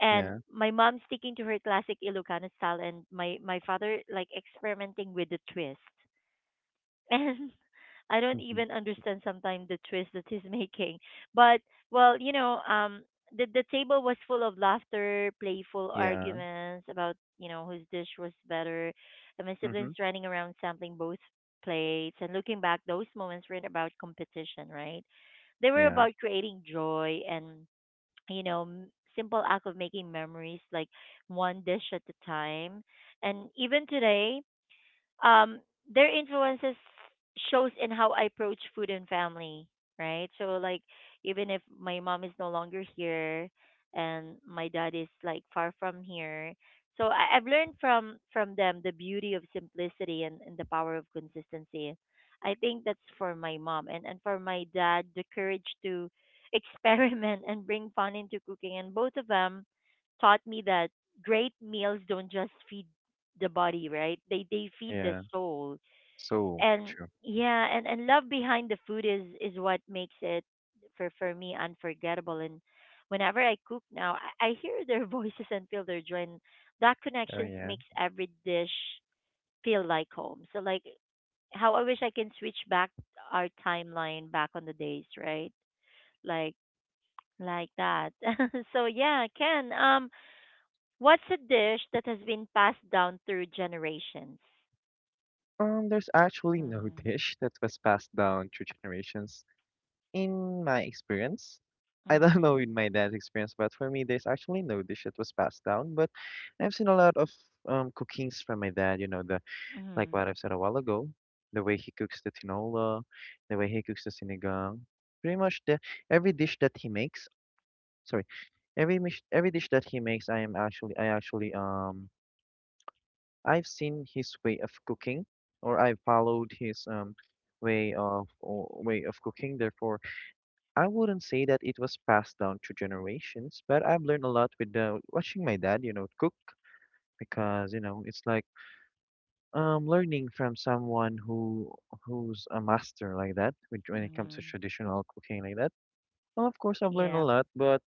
S1: and
S2: Yeah.
S1: my mom sticking to her classic Ilocano style, and my my father like experimenting with the twist. And I don't
S2: Mhm.
S1: even understand sometimes the twist that he's making. But well, you know, um, the the table was full of laughter, playful
S2: Yeah.
S1: arguments about you know whose dish was better, and my
S2: Mhm.
S1: siblings running around sampling both plates. And looking back, those moments weren't about competition, right? They were
S2: Yeah.
S1: about creating joy and you know m- simple act of making memories like one dish at a time, and even today, um, their influences shows in how I approach food and family, right? So like even if my mom is no longer here and my dad is like far from here, so I, I've learned from from them the beauty of simplicity and, and the power of consistency. I think that's for my mom and and for my dad the courage to experiment and bring fun into cooking, and both of them taught me that great meals don't just feed the body, right? They they feed the
S2: Yeah.
S1: soul.
S2: So
S1: And
S2: true.
S1: yeah, and, and love behind the food is is what makes it for for me unforgettable. And whenever I cook now, I, I hear their voices and feel their joy. And that
S2: Oh
S1: connections
S2: yeah.
S1: makes every dish feel like home. So like how I wish I can switch back our timeline back on the days, right? Like like that. So yeah, Ken. Um, what's a dish that has been passed down through generations?
S2: Um, there's actually no
S1: Mm-hmm.
S2: dish that was passed down through generations in my experience. I don't know
S1: Mhm.
S2: in my dad's experience, but for me, there's actually no dish that was passed down. But I've seen a lot of um cookings from my dad. You know, the like
S1: Mhm.
S2: what I've said a while ago, the way he cooks the tinola, the way he cooks the sinigang, pretty much the every dish that he makes. Sorry, every mish, every dish that he makes, I am actually I actually um I've seen his way of cooking, or I followed his um way of or way of cooking. Therefore, I wouldn't say that it was passed down through generations, but I've learned a lot with uh, watching my dad, you know, cook because you know it's like. Um, learning from someone who who's a master like that with- when it comes to
S1: Mhm.
S2: traditional cooking like that. Well, of course, I've learned
S1: Yeah.
S2: a lot, but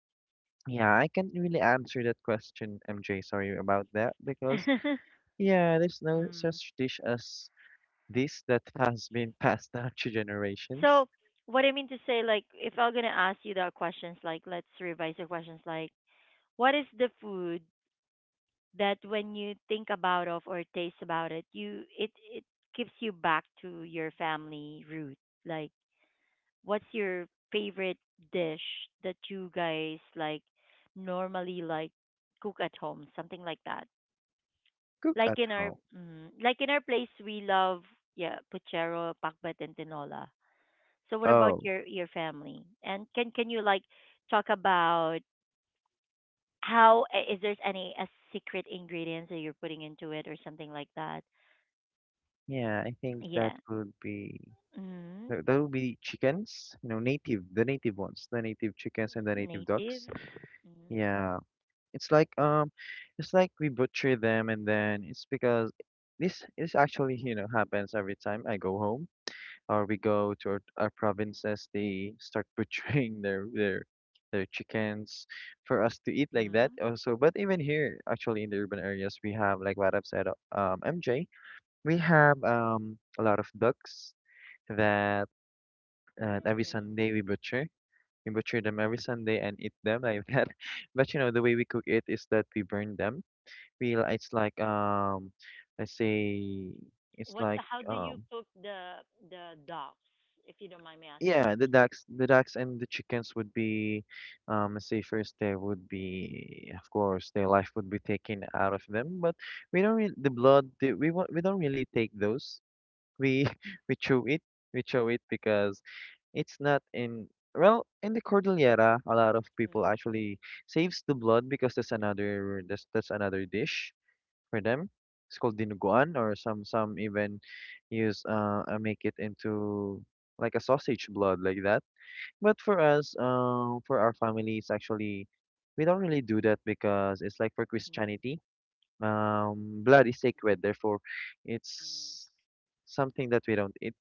S2: yeah, I can't really answer that question, M J. Sorry about that, because yeah, there's no
S1: Mm.
S2: such dish as this that has been passed down to generations.
S1: So, what I mean to say, like, if I'm gonna ask you the questions, like, let's revise the questions, like, what is the food that when you think about of or taste about it, you it it gives you back to your family root? Like, what's your favorite dish that you guys like normally like cook at home, something like that?
S2: Cook
S1: Like
S2: at
S1: in our
S2: home.
S1: mm, like in our place we love yeah, puchero, pakbet and tinola. So what about
S2: Oh,
S1: your your family? And can can you like talk about how i- is there's any a secret ingredients that you're putting into it or something like that?
S2: yeah, I think
S1: Yeah.
S2: that would be
S1: Mm-hmm.
S2: that that would be chickens, you know, native, the native ones, the native chickens and the native
S1: Native.
S2: ducks.
S1: Mm-hmm.
S2: Yeah. It's like um, it's like we butcher them, and then it's because this this actually you know happens every time I go home or we go to our, our provinces. They start butchering their their their chickens for us to eat like
S1: Mm-hmm.
S2: that also. But even here, actually in the urban areas, we have like what I've said, uh, um, M J, we have um a lot of ducks that uh, every
S1: Mm.
S2: Sunday we butcher. We butcher them every Sunday and eat them like that. But you know the way we cook it is that we burn them feel it's like um let's say it's
S1: What?
S2: like
S1: How do you
S2: um.
S1: cook the the dogs? If you don't mind me asking,
S2: Yeah,
S1: because.
S2: the ducks the ducks and the chickens would be um let's say first they would be of course their life would be taken out of them, but we don't really, the blood the, we won't- we don't really take those. We we chew it. We chew it because it's not in. Well, in the Cordillera a lot of people
S1: Mm-hmm.
S2: actually saves the blood because that's another that's that's another dish for them. It's called dinuguan, or some some even use uh uh, make it into like a sausage blood like that. But for us, um, for our families, actually, we don't really do that because it's like for
S1: Mm-hmm.
S2: Christianity, um, blood is sacred. Therefore,
S1: Mm-hmm.
S2: it's something that we don't eat.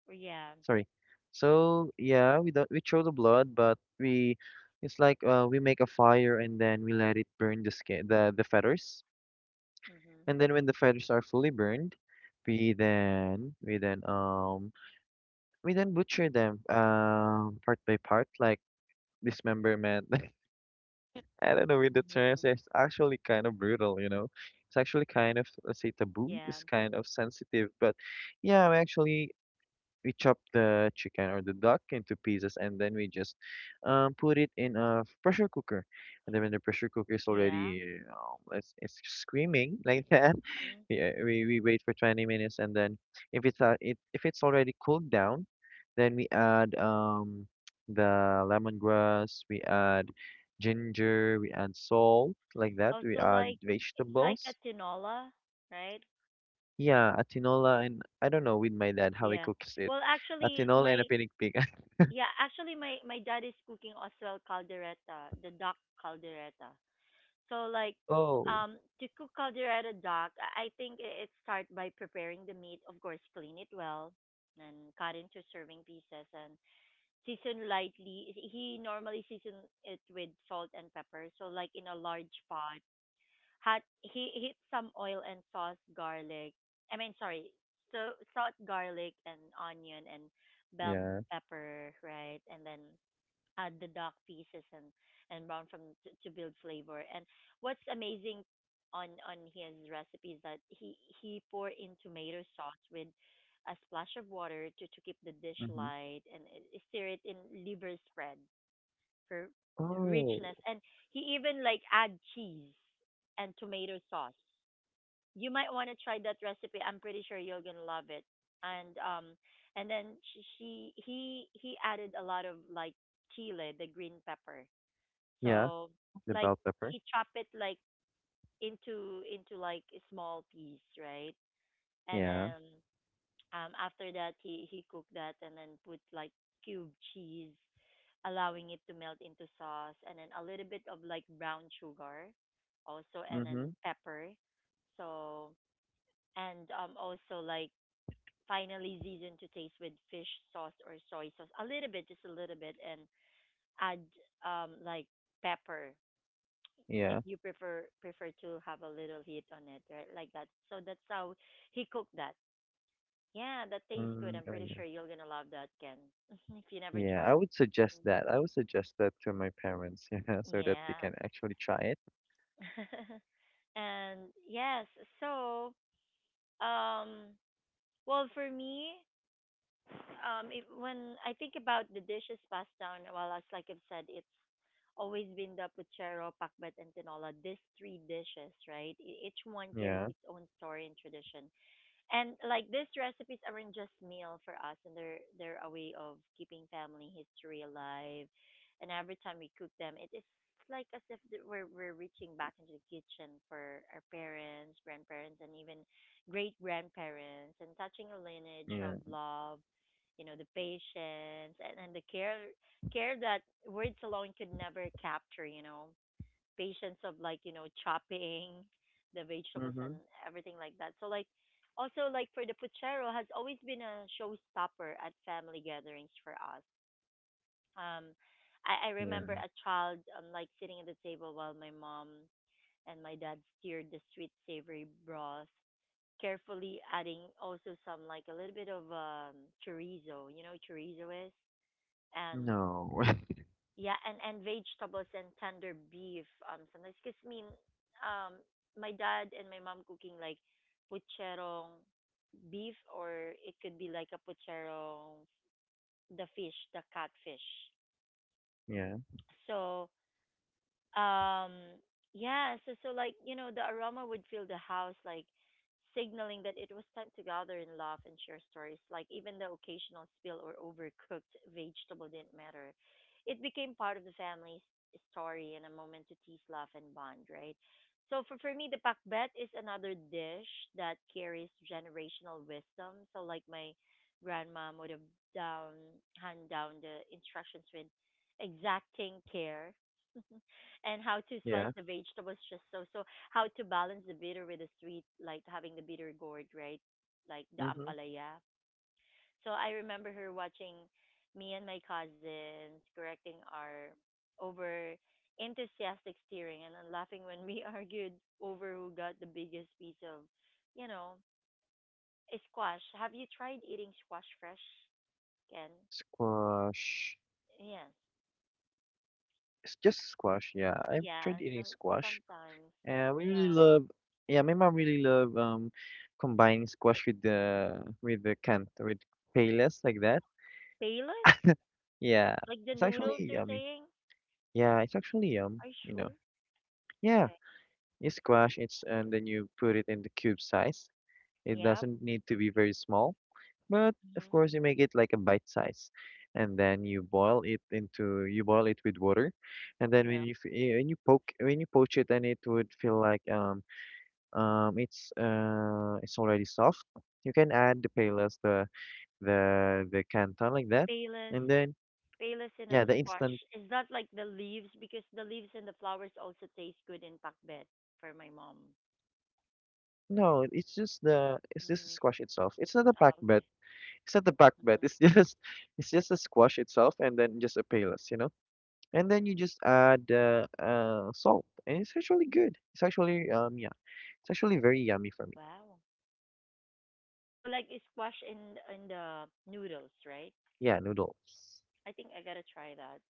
S1: Yeah.
S2: Sorry. So yeah, we don't we throw the blood, but we it's like uh, we make a fire and then we let it burn the skin, the the feathers,
S1: Mm-hmm.
S2: and then when the feathers are fully burned, we then we then um we then butcher them um part by part like dismemberment. I don't know with the
S1: Mm-hmm.
S2: terms. It's actually kind of brutal, you know. It's actually kind of let's say taboo.
S1: Yeah,
S2: It's kind of sensitive, but yeah, we actually we chop the chicken or the duck into pieces and then we just um put it in a pressure cooker. And then when the pressure cooker is
S1: yeah.
S2: already um it's, it's screaming like that
S1: Mhm.
S2: we uh, we, we wait for twenty minutes, and then if it's uh, it, if it's already cooled down, then we add um the lemongrass, we add ginger, we add salt like that, we
S1: Also,
S2: add
S1: like it's like a
S2: vegetables.
S1: tinola, right?
S2: Yeah, a tinola, and I don't know with my dad how he
S1: Yeah.
S2: cooks it,
S1: Well,
S2: a
S1: actually,
S2: tinola and a
S1: my
S2: pinig pig.
S1: yeah, actually, my my dad is cooking as well caldereta, the duck caldereta. So like,
S2: Oh
S1: um, to cook caldereta duck, I I think i- it start by preparing the meat. Of course, clean it well, and cut into serving pieces and season lightly. He normally season it with salt and pepper. So like in a large pot Hot, he heat some oil and sauce garlic. I mean, sorry, so salt, garlic, and onion and bell
S2: yeah.
S1: pepper, right? And then add the duck pieces and and brown from to, to build flavor. And what's amazing on on his recipe is that he he pour in tomato sauce with a splash of water to to keep the dish
S2: Mm-hmm.
S1: light and uh, stir it in liver spread for
S2: Oh
S1: richness. And he even like add cheese and tomato sauce. You might want to try that recipe. I'm pretty sure you're gonna love it. And um, and then she, she he he added a lot of like chile, the green pepper.
S2: yeah,
S1: So
S2: the
S1: like
S2: bell pepper.
S1: he chopped it like into into like a small piece, right? And
S2: Yeah.
S1: then um after that he he cooked that and then put like cube cheese allowing it to melt into sauce, and then a little bit of like brown sugar also, and
S2: Mm-hmm.
S1: then pepper. So, and um, also like finally season to taste with fish sauce or soy sauce, a little bit, just a little bit, and add um like pepper if
S2: Yeah.
S1: you prefer prefer to have a little heat on it, right? Like that. So that's how he cooked that. Yeah, that tastes good.
S2: Mm,
S1: I'm
S2: oh
S1: pretty
S2: yeah.
S1: sure you're gonna love that, Ken. If you never
S2: Yeah, I
S1: tried.
S2: would suggest that. I would suggest that to my parents, yeah, so that they
S1: Yeah.
S2: can actually try it.
S1: And yes, so um well for me, um it, when I think about the dishes passed down, well as like I've said, it's always been the puchero, pakbet and tinola, these three dishes, right? E- Each one carries
S2: Yeah,
S1: its own story and tradition. And like these recipes aren't just meal for us, and they're they're a way of keeping family history alive. And every time we cook them, it is like as if that we're we're reaching back into the kitchen for our parents, grandparents, and even great grandparents, and touching a lineage
S2: yeah.
S1: of love, you know, the patience and, and the care care that words alone could never capture. You know patience of like you know chopping the vegetables and
S2: Mm-hmm.
S1: everything like that. So like also like for the puchero has always been a showstopper at family gatherings for us. Um, I, I
S2: Yeah.
S1: remember a child um, like sitting at the table while my mom and my dad steered the sweet savory broth, carefully adding also some like a little bit of um chorizo. You know what chorizo is and
S2: No.
S1: yeah, and and vegetables and tender beef um sometimes because mean um my dad and my mom cooking like pucherong beef or it could be like a pucherong the fish the catfish
S2: Yeah,
S1: so um, yeah, so so like, you know, the aroma would fill the house like signaling that it was time to gather and laugh and share stories. Like even the occasional spill or overcooked vegetable didn't matter. It became part of the family's story and a moment to tease, laugh and bond, right? So for, for me the pakbet is another dish that carries generational wisdom. So like my grandmom would have down hand down the instructions with exacting care. And how to slice
S2: yeah.
S1: the vegetables just so so how to balance the bitter with the sweet like having the bitter gourd right like the
S2: Mm-hmm.
S1: ampalaya. So I remember her watching me and my cousins correcting our over enthusiastic steering and then laughing when we argued over who got the biggest piece of, you know, a squash. Have you tried eating squash fresh, Ken?
S2: Squash.
S1: Yes.
S2: It's just squash, yeah. I've tried
S1: Yeah,
S2: eating
S1: some,
S2: squash.
S1: sometimes
S2: And we really
S1: yeah
S2: love, yeah, my mom really love um combining squash with the with the cant with payless like that.
S1: payless
S2: Yeah.
S1: like the
S2: It's actually
S1: noodles you're
S2: yummy.
S1: saying.
S2: Yeah, it's actually yum,
S1: Are you
S2: you know.
S1: sure?
S2: Yeah.
S1: Okay.
S2: You squash it's and then you put it in the cube size. It
S1: Yep.
S2: doesn't need to be very small, but of
S1: Mm-hmm.
S2: course you make it like a bite size, and then you boil it into you boil it with water, and then when
S1: Yep.
S2: you f- eh, when you poke when you poach it, and it would feel like um um it's uh it's already soft. You can add the palas, the the the canton like that,
S1: Payless.
S2: and then
S1: Payless in
S2: yeah,
S1: a
S2: the
S1: squash.
S2: instant.
S1: Is that like the leaves? Because the leaves and the flowers also taste good in pakbet for my mom.
S2: No, it's just the it's just the
S1: Mm.
S2: squash itself. It's not a pack
S1: Oh,
S2: bed.
S1: okay.
S2: It's not the pack bed.
S1: Hmm.
S2: It's just it's just a squash itself, and then just a palas, you know. And then you just add uh, uh, salt, and it's actually good. It's actually um yeah, it's actually very yummy for me.
S1: Wow. So like it's squash in in the noodles, right?
S2: Yeah, noodles.
S1: I think I gotta try that.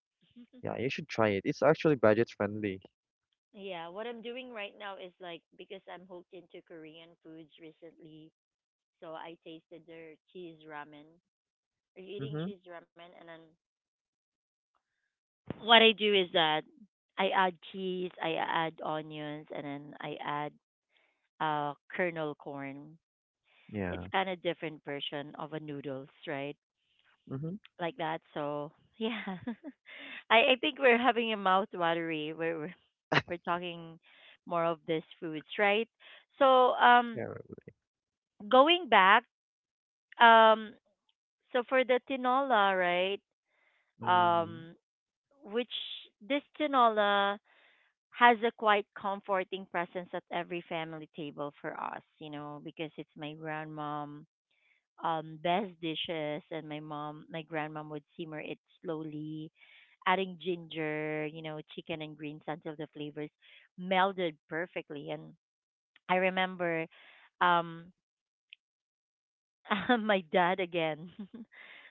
S2: Yeah, you should try it. It's actually budget friendly.
S1: Yeah, what I'm doing right now is like because I'm hooked into Korean foods recently, so I tasted their cheese ramen. Are you eating
S2: Mhm.
S1: cheese ramen? And then What I do is that I add cheese, I add onions, and then I add uh kernel corn. It's
S2: Yeah.
S1: kind of different version of a noodles, right?
S2: Mhm.
S1: Like that. So yeah, I I think we're having a mouth watery. We're we're we're talking more of these foods, right? So
S2: Yeah.
S1: um,
S2: Right.
S1: going back um, so for the tinola, right?
S2: Mhm.
S1: Um, which this tinola has a quite comforting presence at every family table for us, you know, because it's my grandmom um best dishes and my mom my grandmom would simmer it slowly, adding ginger, you know, chicken and greens until the flavors melded perfectly. And I remember um my dad again.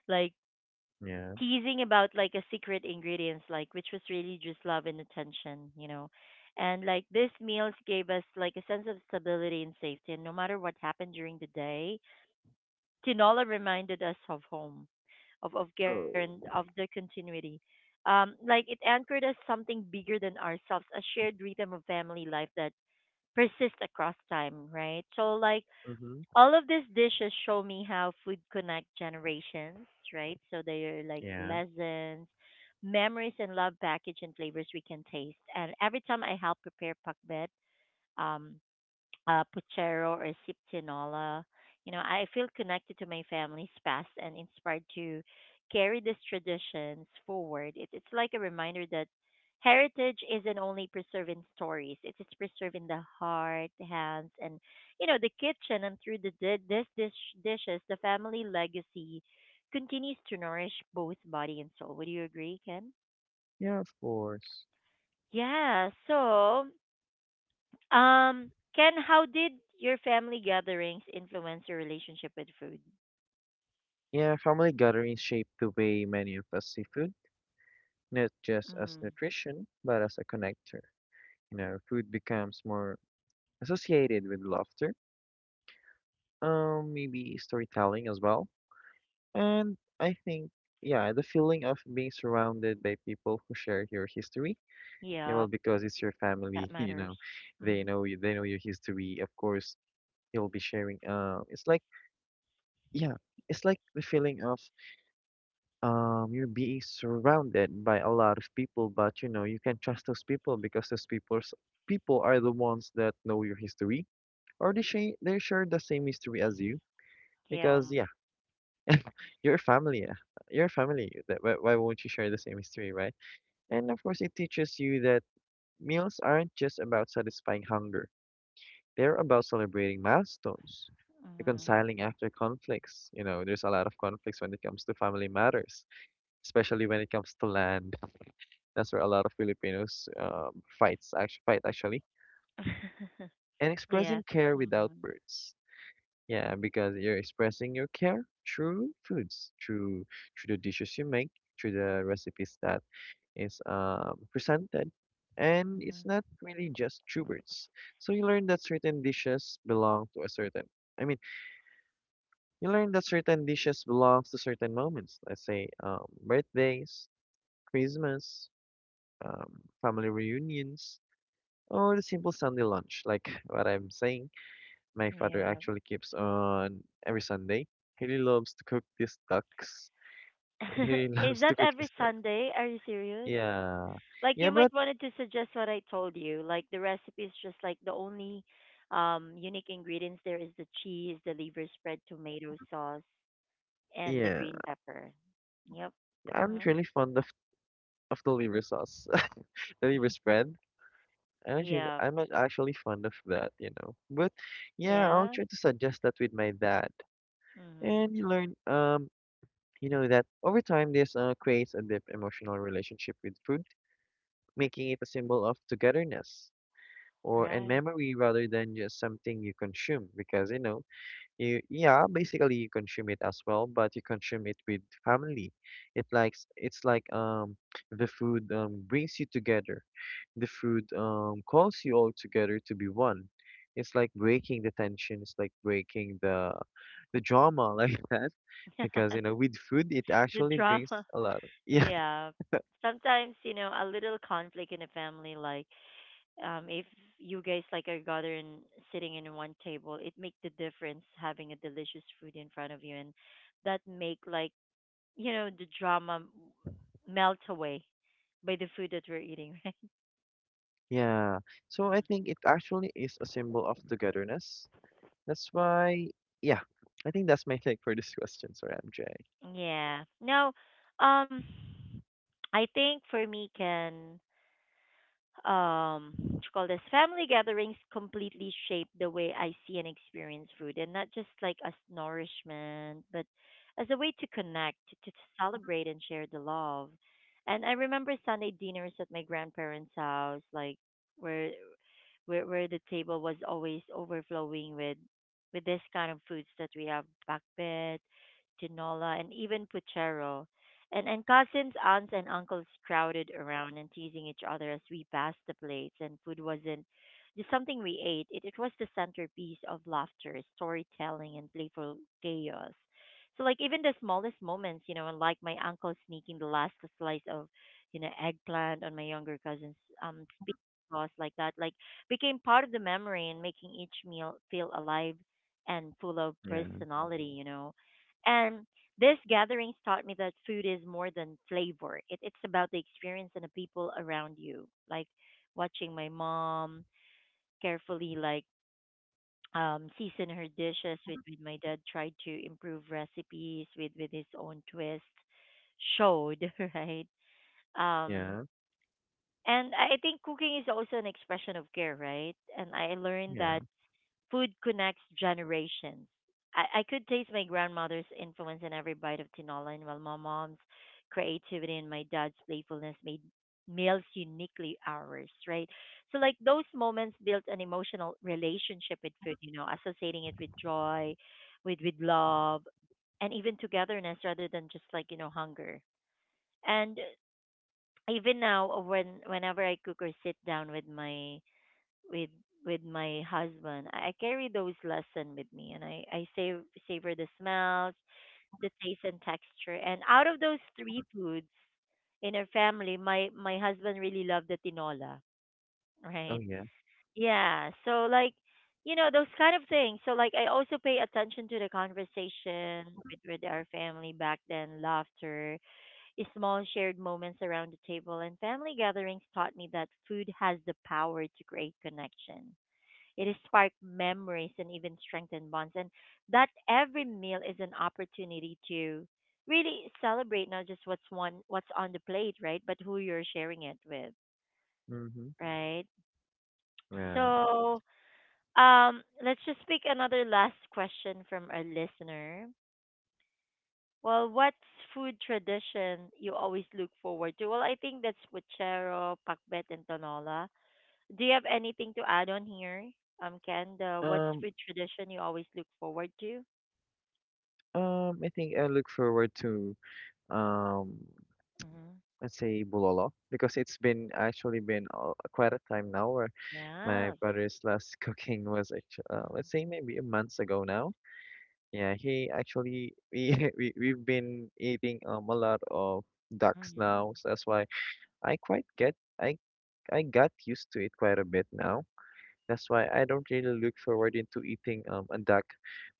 S1: Like
S2: Yeah.
S1: teasing about like a secret ingredients like which was really just love and attention, you know, and like these meals gave us like a sense of stability and safety and no matter what happened during the day tinola reminded us of home, of of guaran-
S2: Oh.
S1: of the continuity, um like it anchored us something bigger than ourselves, a shared rhythm of family life that persists across time right so like
S2: Mhm.
S1: all of these dishes show me how food connect generations, right? So they are like
S2: Yeah.
S1: lessons, memories, and love package and flavors we can taste. And every time I help prepare pakbet, um, uh, puchero or siptinola. You know, I feel connected to my family's past and inspired to carry these traditions forward. It, it's like a reminder that heritage isn't only preserved in stories; it is preserved in the heart, hands, and you know the kitchen. And through the di- this dish dishes, the family legacy continues to nourish both body and soul. Would you agree, Ken?
S2: Yeah, of course.
S1: Yeah. So Um, Ken, how did your family gatherings influence your relationship with food?
S2: Yeah, family gatherings shape the way many of us see food, not just as
S1: Mhm.
S2: nutrition, but as a connector. You know, food becomes more associated with laughter, um, maybe storytelling as well. And I think, yeah, the feeling of being surrounded by people who share your history, yeah,
S1: Yeah,
S2: well, because it's your
S1: that
S2: family, you
S1: matters.
S2: know, they
S1: Mhm.
S2: know you, they know your history. Of course, you'll be sharing. Uh, it's like, yeah, it's like the feeling of um, you're being surrounded by a lot of people, but you know, you can trust those people because those people's people are the ones that know your history, or they share they share the same history as you.
S1: Yeah.
S2: Because yeah, your family, uh, your family. that- Why why won't you share the same history, right? And of course, it teaches you that meals aren't just about satisfying hunger. They're about celebrating milestones,
S1: Mhm.
S2: reconciling after conflicts. You know, there's a lot of conflicts when it comes to family matters, especially when it comes to land. That's where a lot of Filipinos um, fights actually fight actually. And
S1: Yeah.
S2: expressing care without
S1: Mhm.
S2: words. Yeah, because you're expressing your care through foods, through through the dishes you make, through the recipes that is um, presented, and it's
S1: Mhm.
S2: not really just true words. So you learn that certain dishes belong to a certain. I mean, you learn that certain dishes belongs to certain moments. Let's say um, birthdays, Christmas, um, family reunions, or the simple Sunday lunch. Like what I'm saying, my father
S1: Yeah.
S2: actually keeps on every Sunday. He really loves to cook these ducks. He
S1: Is
S2: loves to
S1: that
S2: cook his
S1: every
S2: ducks.
S1: Sunday? Are you serious?
S2: Yeah,
S1: Like
S2: yeah,
S1: you might
S2: but
S1: wanted to suggest what I told you. Like the recipe is just like the only um unique ingredients there is the cheese, the liver spread, tomato sauce, and the
S2: yeah,
S1: green pepper. Yep.
S2: I'm not really fond of of the liver sauce, the liver spread. I'm actually
S1: Yeah.
S2: I'm ac- actually fond of that, you know. But yeah, I'll
S1: Yeah.
S2: try to suggest that with my dad,
S1: Mm-hmm.
S2: and you learn um you know that over time this uh, creates a deep emotional relationship with food, making it a symbol of togetherness or and
S1: Right.
S2: memory rather than just something you consume, because you know you, yeah, basically you consume it as well, but you consume it with family. It likes it's like um the food um brings you together, the food um, calls you all together to be one. It's like breaking the tension. It's like breaking the the drama like that, because you know with food it
S1: The
S2: actually brings
S1: drama.
S2: a lot. Yeah,
S1: Yeah. Sometimes, you know, a little conflict in a family, like, um, if you guys like are gathering, sitting in one table, it make the difference having a delicious food in front of you, and that make like you know the drama m- melt away by the food that we're eating, right?
S2: yeah. So I think it actually is a symbol of togetherness. That's why, yeah. I think that's my take for this question. Sorry, M J.
S1: Mm. Yeah. Now, um, I think for me, Ken, um what you call this family gatherings completely shape the way I see and experience food and not just like as nourishment but as a way to connect to, to celebrate and share the love, and I remember Sunday dinners at my grandparents house, like where where where the table was always overflowing with with this kind of foods that we have bakbet, tinola, and even puchero. And and cousins, aunts, and uncles crowded around and teasing each other as we passed the plates. And food wasn't just something we ate; it it was the centerpiece of laughter, storytelling, and playful chaos. So like even the smallest moments, you know, and like my uncle sneaking the last slice of, you know, eggplant on my younger cousin's um speaking sauce like that, like became part of the memory and making each meal feel alive and full of
S2: Yeah,
S1: personality, you know. And these gatherings taught me that food is more than flavor. It, it's about the experience and the people around you. Like watching my mom carefully, like, um season her dishes with, with my dad tried to improve recipes with, with his own twist showed, right? Um
S2: yeah,
S1: and I I think cooking is also an expression of care, right? And I learned
S2: yeah.
S1: that food connects generations. I, I could taste my grandmother's influence in every bite of tinola, and while my mom's creativity and my dad's playfulness made meals uniquely ours, right? So, like those moments built an emotional relationship with food, you know, associating it with joy, with with love, and even togetherness rather than just like you know hunger. And even now, when whenever I cook or sit down with my with with my husband. I I carry those lesson with me, and I I save savor the smells, the taste and texture. And out of those three foods in our family, my my husband really loved the tinola,
S2: Oh
S1: right?
S2: yeah.
S1: Yeah, so like you know those kind of things. So like I also pay attention to the conversation with with our family back then, laughter, small shared moments around the table, and family gatherings taught me that food has the power to create connection, it has sparked memories and even strengthened bonds. And that every meal is an opportunity to really celebrate not just what's one what's on the plate, right? But who you're sharing it with,
S2: Mm-hmm.
S1: right?
S2: Yeah.
S1: So um let's just pick another last question from a listener. Well, what's food tradition you always look forward to? Well, I think that's puchero, pakbet, and tonola. Do you have anything to add on here, um, Ken? The, what's
S2: Um.
S1: food tradition you always look forward to?
S2: Um. I think I look forward to um
S1: Mhm.
S2: let's say bulalo, because it's been actually been uh, quite a time now where my
S1: Yeah.
S2: father's last cooking was actually, uh,
S1: Mm.
S2: let's say maybe a month ago now. Yeah, he actually we, we we've been eating um a lot of ducks now,
S1: Mhm.
S2: so that's why I quite get I I got used to it quite a bit now. That's why I don't really look forward into eating um a duck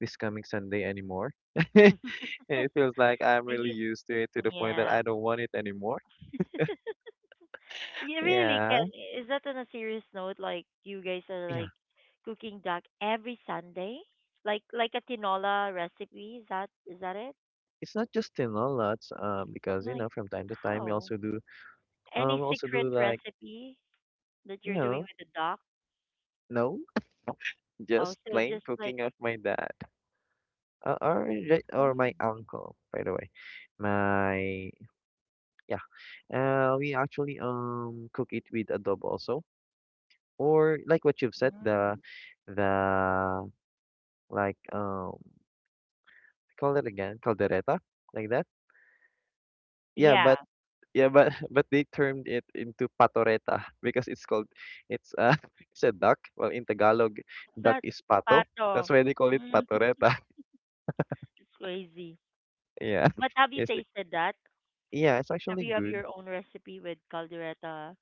S2: this coming Sunday anymore.
S1: I.
S2: It feels like I'm really used to it to the point that
S1: Yeah.
S2: I don't want it anymore.
S1: You really can.
S2: Yeah.
S1: Is that on a serious note? Like you guys are
S2: Yeah,
S1: like cooking duck every Sunday, like like a tinola recipe. Is that is that it?
S2: it's not just thin omelets, uh, because you
S1: Like
S2: know, from time to time we
S1: how?
S2: also do um
S1: Any
S2: we also do
S1: secret
S2: like
S1: recipe that you're doing
S2: no,
S1: with the duck?
S2: no, just
S1: Also,
S2: plain
S1: just like,
S2: cooking of my dad. Uh, or the- or my uncle, by the way. My yeah. Uh we actually um cook it with adobo also. Or like what you've said, the
S1: hmm,
S2: the like um call it again, caldereta, like that. Yeah,
S1: yeah,
S2: but yeah, but but they turned it into patoreta because it's called it's uh it's a duck. Well, in Tagalog, duck
S1: that
S2: is pato.
S1: pato.
S2: That's why they call it
S1: Mm,
S2: patoreta.
S1: it's crazy.
S2: Yeah,
S1: But have you
S2: it's like,
S1: tasted that?
S2: yeah, it's
S1: Have
S2: actually
S1: you have
S2: good.
S1: your own recipe with caldereta.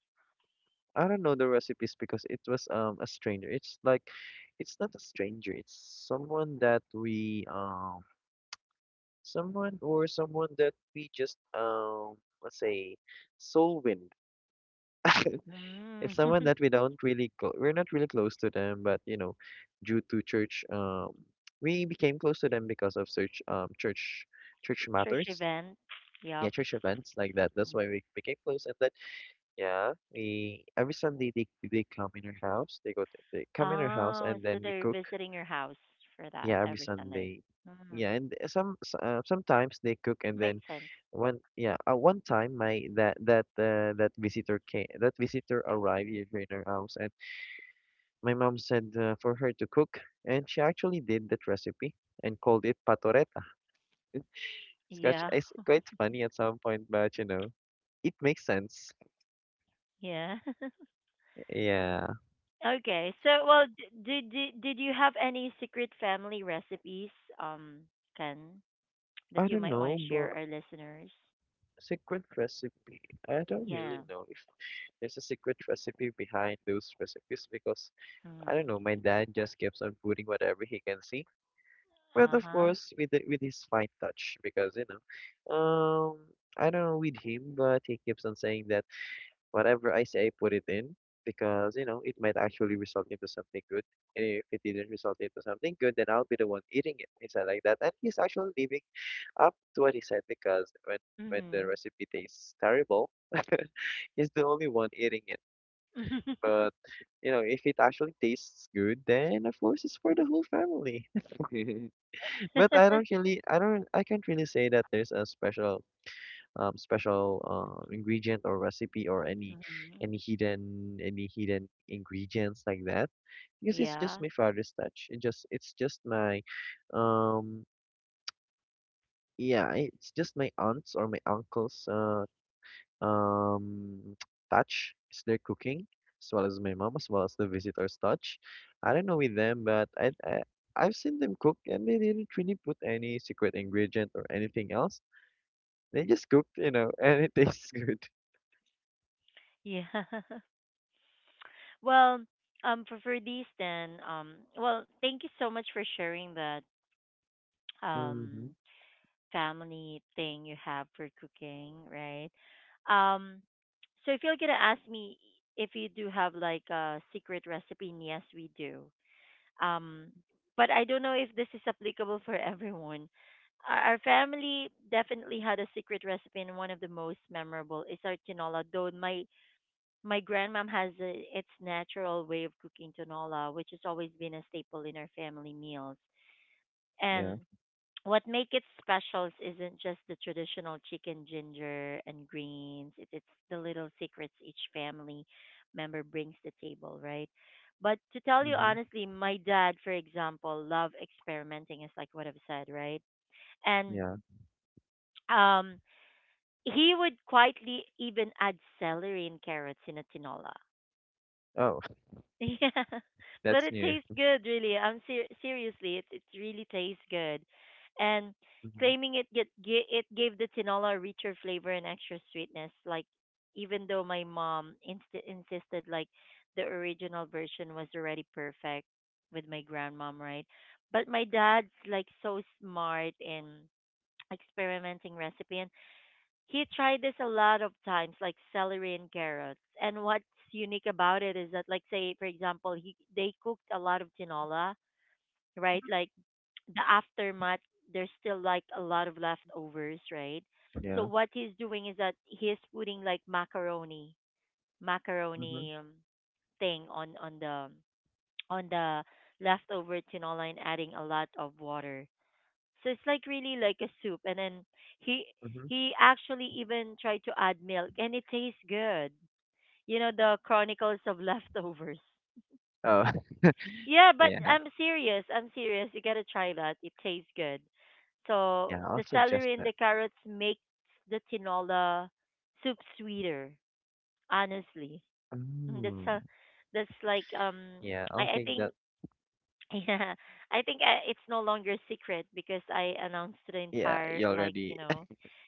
S2: I don't know the recipes because it was um a stranger. It's like it's not a stranger. It's someone that we um someone or someone that we just um let's say soul wind.
S1: Mm.
S2: It's someone that we don't really cl- we're not really close to them, but you know, due to church, um, we became close to them because of church, um, church, church
S1: Church
S2: matters.
S1: event?
S2: Yeah,
S1: Yep.
S2: church events like that. That's why
S1: Um,
S2: we became close. And then yeah, we every Sunday they they come in our house. They go to, they come in our house,
S1: oh,
S2: and
S1: so
S2: then we
S1: they're
S2: cook.
S1: visiting your house for that
S2: Yeah, every
S1: every Sunday.
S2: Sunday.
S1: Mm.
S2: Yeah, and some s- uh, sometimes they cook, and then
S1: Makes sense.
S2: one yeah uh, one time my that that uh, that visitor came that visitor arrived here in our house, and my mom said uh, for her to cook, and she actually did that recipe and called it patoreta. It's quite,
S1: Yeah.
S2: it's quite funny at some point, but you know, it makes sense.
S1: Yeah.
S2: Yeah.
S1: Okay. So, well, d- did did did you have any secret family recipes, um, Ken, that
S2: I
S1: you
S2: don't
S1: might want
S2: know,
S1: to
S2: but
S1: share our listeners?
S2: secret recipe. I don't really
S1: Yeah.
S2: know if there's a secret recipe behind those recipes, because I don't
S1: Mm.
S2: know, my dad just keeps on putting whatever he can see. But
S1: Uh
S2: of
S1: huh.
S2: course, with the, with his fine touch, because you know, um, I don't know with him, but he keeps on saying that whatever I say, I put it in, because, you know, it might actually result into something good. And if it didn't result into something good, then I'll be the one eating it. He said like that. And he's actually living up to what he said, because when, when the
S1: Mm.
S2: recipe tastes terrible, he's the only one eating it. But, you know, if it actually tastes good, then of course it's for the whole family. But I don't really, I don't, I can't really say that there's a special um, special uh, ingredient or recipe or any
S1: Hmm.
S2: any hidden any hidden ingredients like that, because it's just
S1: Yeah.
S2: my father's touch. It just it's just my um yeah, it's just my aunt's or my uncle's uh um touch is their cooking, as well as my mom, as well as the visitor's touch. I don't know with them, but I, I I've seen them cook, and they didn't really put any secret ingredient or anything else. They just cooked, you know, and it tastes good.
S1: Yeah. Well, um, for for these then, um, well, thank you so much for sharing that
S2: Hmm.
S1: um family thing you have for cooking, right? Um, so if you're gonna ask me if you do have like a secret recipe, and yes, we do. Um, but I don't know if this is applicable for everyone. Our our family definitely had a secret recipe, and one of the most memorable is our tinola. Though my my grandmom has a, its natural way of cooking tinola, which has always been a staple in our family meals.
S2: Yeah.
S1: And what make it special isn't just the traditional chicken, ginger, and greens. It, it's the little secrets each family member brings to the table, right? But to tell you
S2: Mhm.
S1: honestly, my dad, for example, loved experimenting, is like what I've said, right? And
S2: Yeah.
S1: um, he would quietly even add celery and carrots in a tinola.
S2: Oh,
S1: Yeah, but
S2: that's
S1: it
S2: new.
S1: tastes good, really. I'm ser- seriously, it it really tastes good, and
S2: Mhm.
S1: claiming it get ga- it gave the tinola a richer flavor and extra sweetness. Like even though my mom inst- insisted like the original version was already perfect with my grandmom, right? But my dad's like so smart in experimenting recipe, he tried this a lot of times, like celery and carrots. And what's unique about it is that, like, say for example, he they cooked a lot of tinola, right? Like the aftermath, there's still like a lot of leftovers, right? So
S2: Yeah.
S1: what he's doing is that he's putting like macaroni,
S2: Mhm.
S1: macaroni um, thing on on the on the leftover tinola and adding a lot of water. So it's like really like a soup, and then he
S2: Mhm.
S1: he actually even tried to add milk, and it tastes good. You know the Chronicles of Leftovers.
S2: Oh,
S1: Yeah, but
S2: yeah.
S1: I'm serious. I'm serious. You gotta try that. It tastes good. So
S2: Yeah. I'll
S1: the
S2: suggest
S1: celery and
S2: that.
S1: the carrots makes the tinola soup sweeter. Honestly, mm, that's
S2: Mm.
S1: a, that's like um
S2: Yeah. I'll
S1: I I
S2: take
S1: think.
S2: that.
S1: Yeah, I think I, it's no longer a secret because I announced to the
S2: Yeah.
S1: entire,
S2: You
S1: like,
S2: already.
S1: you know,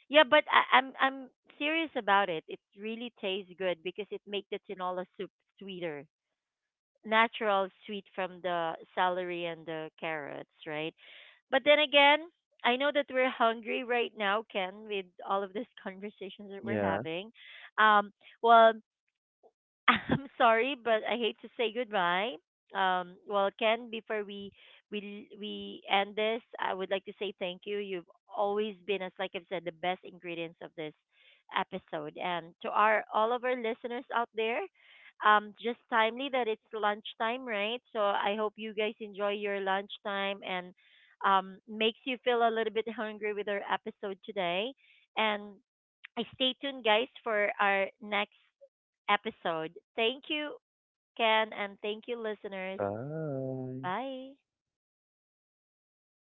S1: yeah. But I, I'm I'm serious about it. It really tastes good because it makes the tinola soup sweeter, natural sweet from the celery and the carrots, right? But then again, I know that we're hungry right now, Ken, with all of these conversations that we're
S2: Yeah.
S1: having. Um, well, I'm sorry, but I hate to say goodbye. Um, well, Ken, before we we we end this, I would like to say thank you. You've always been, as like I've said, the best ingredients of this episode. And to our all of our listeners out there, um, just timely that it's lunchtime, right? So I hope you guys enjoy your lunchtime and um makes you feel a little bit hungry with our episode today. And stay tuned, guys, for our next episode. Thank you, Ken, and thank you, listeners.
S2: Bye.
S1: Bye.